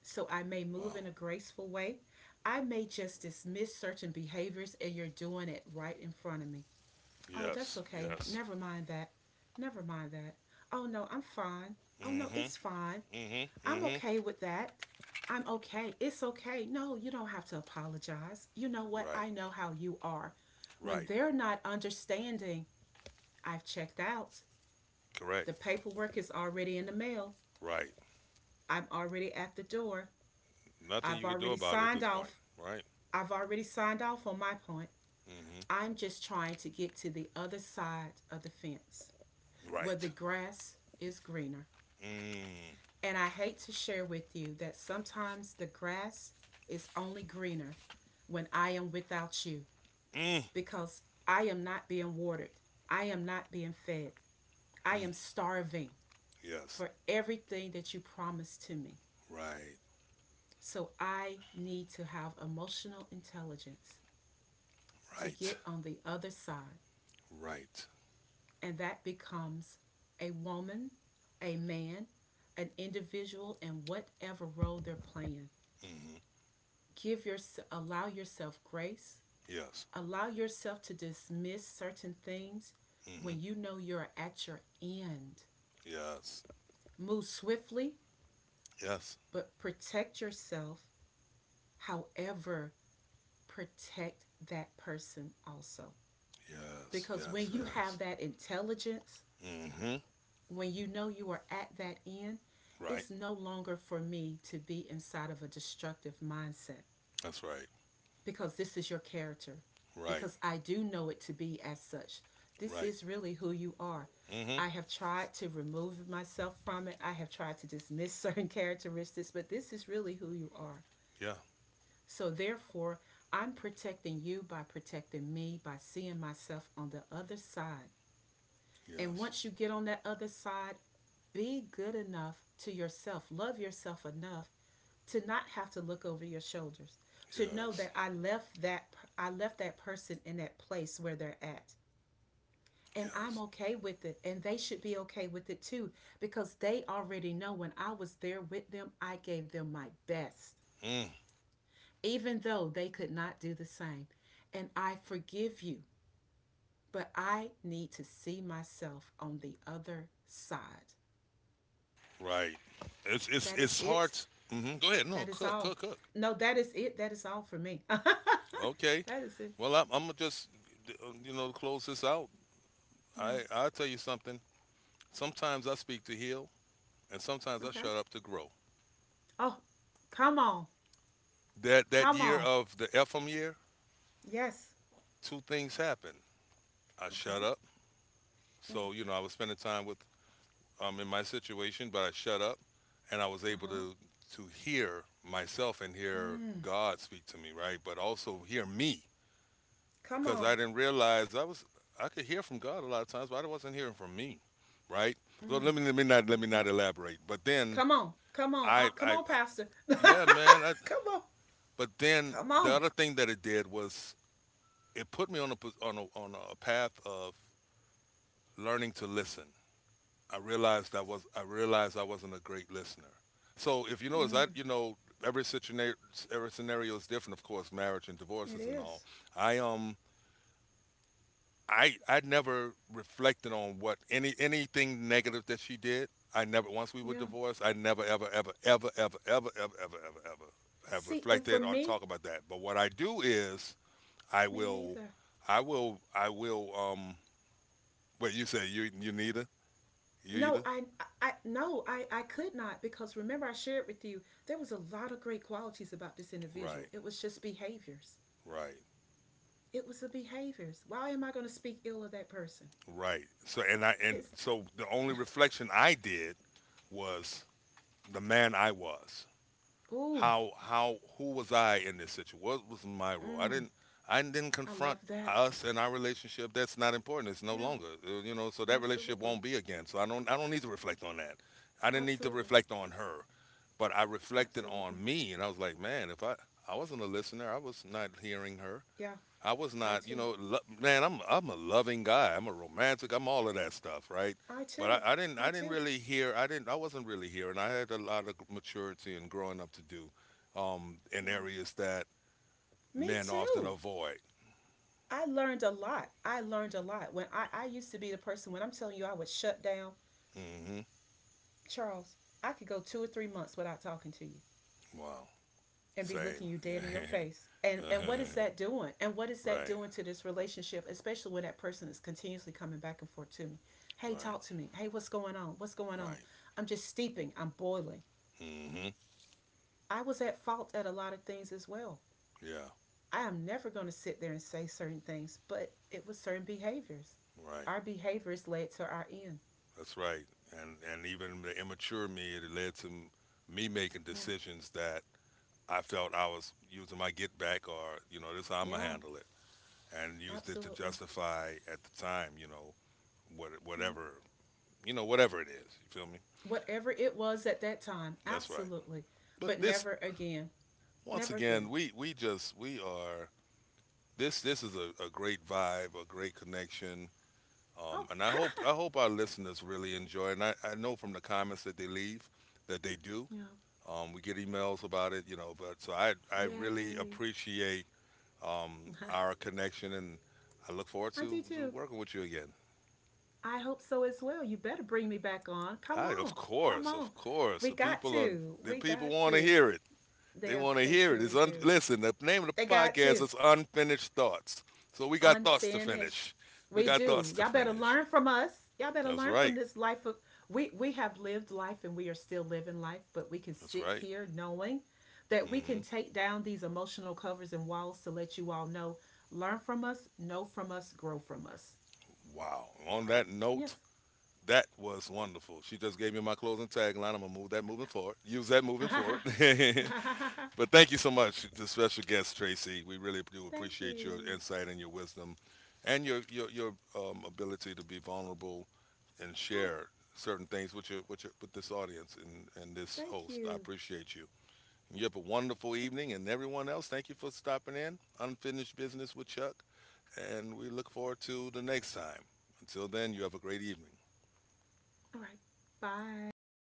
Speaker 2: so I may move in
Speaker 1: Wow.
Speaker 2: a graceful way. I may just dismiss certain behaviors and you're doing it right in front of me. Oh, that's
Speaker 1: Yes.
Speaker 2: okay.
Speaker 1: Yes.
Speaker 2: Never mind that. Never mind that. Oh, no, I'm fine. Oh, no,
Speaker 1: Mm-hmm.
Speaker 2: it's fine.
Speaker 1: Mm-hmm.
Speaker 2: I'm
Speaker 1: Mm-hmm.
Speaker 2: okay with that. I'm okay. It's okay. No, you don't have to apologize. You know what?
Speaker 1: Right.
Speaker 2: I know how you are. When
Speaker 1: Right.
Speaker 2: they're not understanding, I've checked out.
Speaker 1: Correct.
Speaker 2: The paperwork is already in the mail.
Speaker 1: Right.
Speaker 2: I'm already at the door.
Speaker 1: Nothing
Speaker 2: I've
Speaker 1: you could do
Speaker 2: already
Speaker 1: about it at
Speaker 2: signed
Speaker 1: this point,
Speaker 2: off
Speaker 1: right?
Speaker 2: I've already signed off on my point.
Speaker 1: Hmm.
Speaker 2: I'm just trying to get to the other side of the fence where
Speaker 1: Right.
Speaker 2: the grass is greener.
Speaker 1: Mm.
Speaker 2: And I hate to share with you that sometimes the grass is only greener when I am without you
Speaker 1: Mm.
Speaker 2: because I am not being watered. I am not being fed. I
Speaker 1: Mm.
Speaker 2: am starving
Speaker 1: Yes.
Speaker 2: for everything that you promised to me.
Speaker 1: Right.
Speaker 2: So I need to have emotional intelligence to
Speaker 1: Right.
Speaker 2: get on the other side,
Speaker 1: Right.
Speaker 2: and that becomes a woman, a man, an individual in whatever role they're playing.
Speaker 1: Hmm.
Speaker 2: Give your Allow yourself grace.
Speaker 1: Yes.
Speaker 2: Allow yourself to dismiss certain things
Speaker 1: Hmm.
Speaker 2: when you know you're at your end.
Speaker 1: Yes.
Speaker 2: Move swiftly,
Speaker 1: Yes.
Speaker 2: but protect yourself. However, protect that person also.
Speaker 1: Yes.
Speaker 2: Because
Speaker 1: Yes.
Speaker 2: when you have
Speaker 1: Yes.
Speaker 2: that intelligence,
Speaker 1: Hmm.
Speaker 2: when you know you are at that end,
Speaker 1: Right.
Speaker 2: it's no longer for me to be inside of a destructive mindset
Speaker 1: That's right.
Speaker 2: because this is your character,
Speaker 1: Right.
Speaker 2: because I do know it to be as such. This
Speaker 1: Right.
Speaker 2: is really who you are.
Speaker 1: Hmm.
Speaker 2: I have tried to remove myself from it. I have tried to dismiss (laughs) certain characteristics, but this is really who you are.
Speaker 1: Yeah.
Speaker 2: So, therefore, I'm protecting you by protecting me, by seeing myself on the other side, and
Speaker 1: Yes.
Speaker 2: once you get on that other side, be good enough to yourself, love yourself enough to not have to look over your shoulders, to know
Speaker 1: Yes.
Speaker 2: that I left that person in that place where they're at. And I'm
Speaker 1: Yes.
Speaker 2: okay with it, and they should be okay with it too because they already know when I was there with them, I gave them my best,
Speaker 1: Mm.
Speaker 2: even though they could not do the same. And I forgive you, but I need to see myself on the other side.
Speaker 1: Right. It's it's
Speaker 2: That is
Speaker 1: it's
Speaker 2: it.
Speaker 1: hard. Hmm. Go ahead.
Speaker 2: That
Speaker 1: No.
Speaker 2: is
Speaker 1: Cook.
Speaker 2: all.
Speaker 1: Cook. Cook.
Speaker 2: No, that is it. That is all for me. (laughs)
Speaker 1: Okay.
Speaker 2: That is it.
Speaker 1: Well, I'm gonna just you know close this out.
Speaker 2: Yeah.
Speaker 1: I'll tell you something. Sometimes I speak to heal, and sometimes I
Speaker 2: Okay.
Speaker 1: shut up to grow.
Speaker 2: Oh, come on.
Speaker 1: That
Speaker 2: Come
Speaker 1: year
Speaker 2: on.
Speaker 1: of the Ephraim year,
Speaker 2: Yes.
Speaker 1: two things happened. I shut
Speaker 2: Okay.
Speaker 1: up,
Speaker 2: Mm.
Speaker 1: so you know I was spending time with in my situation, but I shut up, and I was
Speaker 2: Uh
Speaker 1: able
Speaker 2: huh.
Speaker 1: to hear myself and hear
Speaker 2: Mm.
Speaker 1: God speak to me, right? But also hear me
Speaker 2: Come
Speaker 1: because
Speaker 2: on.
Speaker 1: I didn't realize I was I could hear from God a lot of times, but I wasn't hearing from me, right? So
Speaker 2: Mm.
Speaker 1: let me
Speaker 2: Amen.
Speaker 1: not elaborate. But then
Speaker 2: Come on. Come on. Uh, come
Speaker 1: I
Speaker 2: on, Pastor.
Speaker 1: yeah man I.
Speaker 2: (laughs) Come on.
Speaker 1: But then
Speaker 2: Come
Speaker 1: the
Speaker 2: on.
Speaker 1: other thing that it did was it put me on on on a path of learning to listen. I realized I wasn't a great listener. So if you notice, I
Speaker 2: Mm.
Speaker 1: you know every situation every scenario is different. Of course, marriage and
Speaker 2: It
Speaker 1: divorces and all.
Speaker 2: is.
Speaker 1: I um I never reflected on what any anything negative that she did. I never once we were
Speaker 2: Yeah.
Speaker 1: divorced. I never ever ever ever ever ever ever ever ever ever have
Speaker 2: See, and for
Speaker 1: reflected or
Speaker 2: me,
Speaker 1: talk about that. But what I do is I
Speaker 2: me
Speaker 1: will,
Speaker 2: neither.
Speaker 1: I will. Wait, you say you neither, you
Speaker 2: No,
Speaker 1: either,
Speaker 2: I, no, I could not because remember I shared with you there was a lot of great qualities about this individual.
Speaker 1: right,
Speaker 2: It was just behaviors.
Speaker 1: right,
Speaker 2: It was the behaviors. Why am I going to speak ill of that person?
Speaker 1: right. So and I and
Speaker 2: His
Speaker 1: so the only reflection I did was the man I was.
Speaker 2: Ooh,
Speaker 1: How who was I in this situation? What was my role?
Speaker 2: mm,
Speaker 1: I didn't
Speaker 2: I
Speaker 1: confront
Speaker 2: love that.
Speaker 1: us and our relationship. That's not important. It's no
Speaker 2: Yeah,
Speaker 1: longer you know. So that relationship
Speaker 2: absolutely,
Speaker 1: won't be again. So I don't need to reflect on that. I didn't need to
Speaker 2: absolutely,
Speaker 1: reflect on her, but I reflected
Speaker 2: absolutely.
Speaker 1: on me and I was like, man, if I I wasn't a listener, I was not hearing her.
Speaker 2: Yeah,
Speaker 1: I was
Speaker 2: I
Speaker 1: not, you
Speaker 2: too,
Speaker 1: know, lo- man. I'm a loving guy. I'm a romantic. I'm all of that stuff, right?
Speaker 2: I too,
Speaker 1: But
Speaker 2: I
Speaker 1: I didn't
Speaker 2: too.
Speaker 1: really hear. I wasn't really hearing. I had a lot of maturity and growing up to do in
Speaker 2: Yeah,
Speaker 1: areas that
Speaker 2: me
Speaker 1: men often
Speaker 2: too.
Speaker 1: avoid.
Speaker 2: I learned a lot. I learned a lot when I used to be the person when I'm telling you I would shut down.
Speaker 1: Hmm.
Speaker 2: Charles, I could go 2 or 3 months without talking to you
Speaker 1: Wow.
Speaker 2: and be looking
Speaker 1: Same.
Speaker 2: you dead in your face. And
Speaker 1: Yeah.
Speaker 2: and what is
Speaker 1: (laughs)
Speaker 2: that doing? And what is that
Speaker 1: right.
Speaker 2: doing to this relationship, especially when that person is continuously coming back and forth to me? Hey,
Speaker 1: Right.
Speaker 2: talk to me. Hey, what's going on? What's going on?
Speaker 1: Right.
Speaker 2: I'm just steeping. I'm boiling.
Speaker 1: Hmm.
Speaker 2: I was at fault at a lot of things as well.
Speaker 1: Yeah.
Speaker 2: I am never going to sit there and say certain things, but it was certain behaviors.
Speaker 1: Right.
Speaker 2: Our behaviors led to our end.
Speaker 1: That's right. And even the immature me, it led to me making
Speaker 2: Yeah.
Speaker 1: decisions that I felt I was using my get back or, you know, this is how I'm going to
Speaker 2: Yeah,
Speaker 1: handle it. And used it to
Speaker 2: absolutely.
Speaker 1: justify at the time, you know, what,
Speaker 2: Yeah.
Speaker 1: whatever, you know, whatever it is. You feel me?
Speaker 2: Whatever it was at that time.
Speaker 1: That's right.
Speaker 2: Absolutely.
Speaker 1: But
Speaker 2: But
Speaker 1: this,
Speaker 2: never again.
Speaker 1: once
Speaker 2: Never
Speaker 1: again,
Speaker 2: again.
Speaker 1: we are, this is a great vibe, a great connection.
Speaker 2: Oh,
Speaker 1: And
Speaker 2: (laughs)
Speaker 1: I hope our listeners really enjoy. It. And I know from the comments that they leave that they do.
Speaker 2: yeah.
Speaker 1: We get emails about it, you know, but so I really
Speaker 2: Yay.
Speaker 1: appreciate our
Speaker 2: (laughs)
Speaker 1: connection, and I look forward
Speaker 2: I
Speaker 1: to,
Speaker 2: do too.
Speaker 1: working with you again.
Speaker 2: I hope so as well. You better bring me back on. Come on. Come
Speaker 1: Of
Speaker 2: on.
Speaker 1: course,
Speaker 2: We got to.
Speaker 1: the
Speaker 2: We
Speaker 1: people
Speaker 2: got
Speaker 1: want to
Speaker 2: to.
Speaker 1: hear it. They
Speaker 2: Yes,
Speaker 1: want to
Speaker 2: they
Speaker 1: hear it. It's
Speaker 2: truly
Speaker 1: un-
Speaker 2: do.
Speaker 1: listen. The name of the
Speaker 2: They got
Speaker 1: podcast
Speaker 2: to.
Speaker 1: is Unfinished Thoughts. So we got thoughts to
Speaker 2: Unfinished.
Speaker 1: finish. We
Speaker 2: We
Speaker 1: got thoughts
Speaker 2: do.
Speaker 1: to
Speaker 2: Y'all better
Speaker 1: finish.
Speaker 2: learn from us. Y'all better
Speaker 1: That's
Speaker 2: learn from
Speaker 1: right.
Speaker 2: this life of we have lived life and we are still living life, but we can
Speaker 1: That's
Speaker 2: sit
Speaker 1: right.
Speaker 2: here knowing that we
Speaker 1: Hmm.
Speaker 2: can take down these emotional covers and walls to let you all know, learn from us, know from us, grow from us.
Speaker 1: Wow. On that note,
Speaker 2: Yes.
Speaker 1: that was wonderful. She just gave me my closing tagline. I'm gonna move that moving forward. Use that moving forward.
Speaker 2: (laughs)
Speaker 1: (laughs) But thank you so much to special guest Tracy. We really do
Speaker 2: Thank
Speaker 1: appreciate your
Speaker 2: you.
Speaker 1: insight and your wisdom, and your ability to be vulnerable and
Speaker 2: Oh,
Speaker 1: share certain things with your with this audience and this
Speaker 2: thank
Speaker 1: host. I
Speaker 2: you.
Speaker 1: appreciate you. You have a wonderful evening, and everyone else, thank you for stopping in. Unfinished business with Chuck, and we look forward to the next time. Until then, you have a great evening.
Speaker 2: All right. Bye.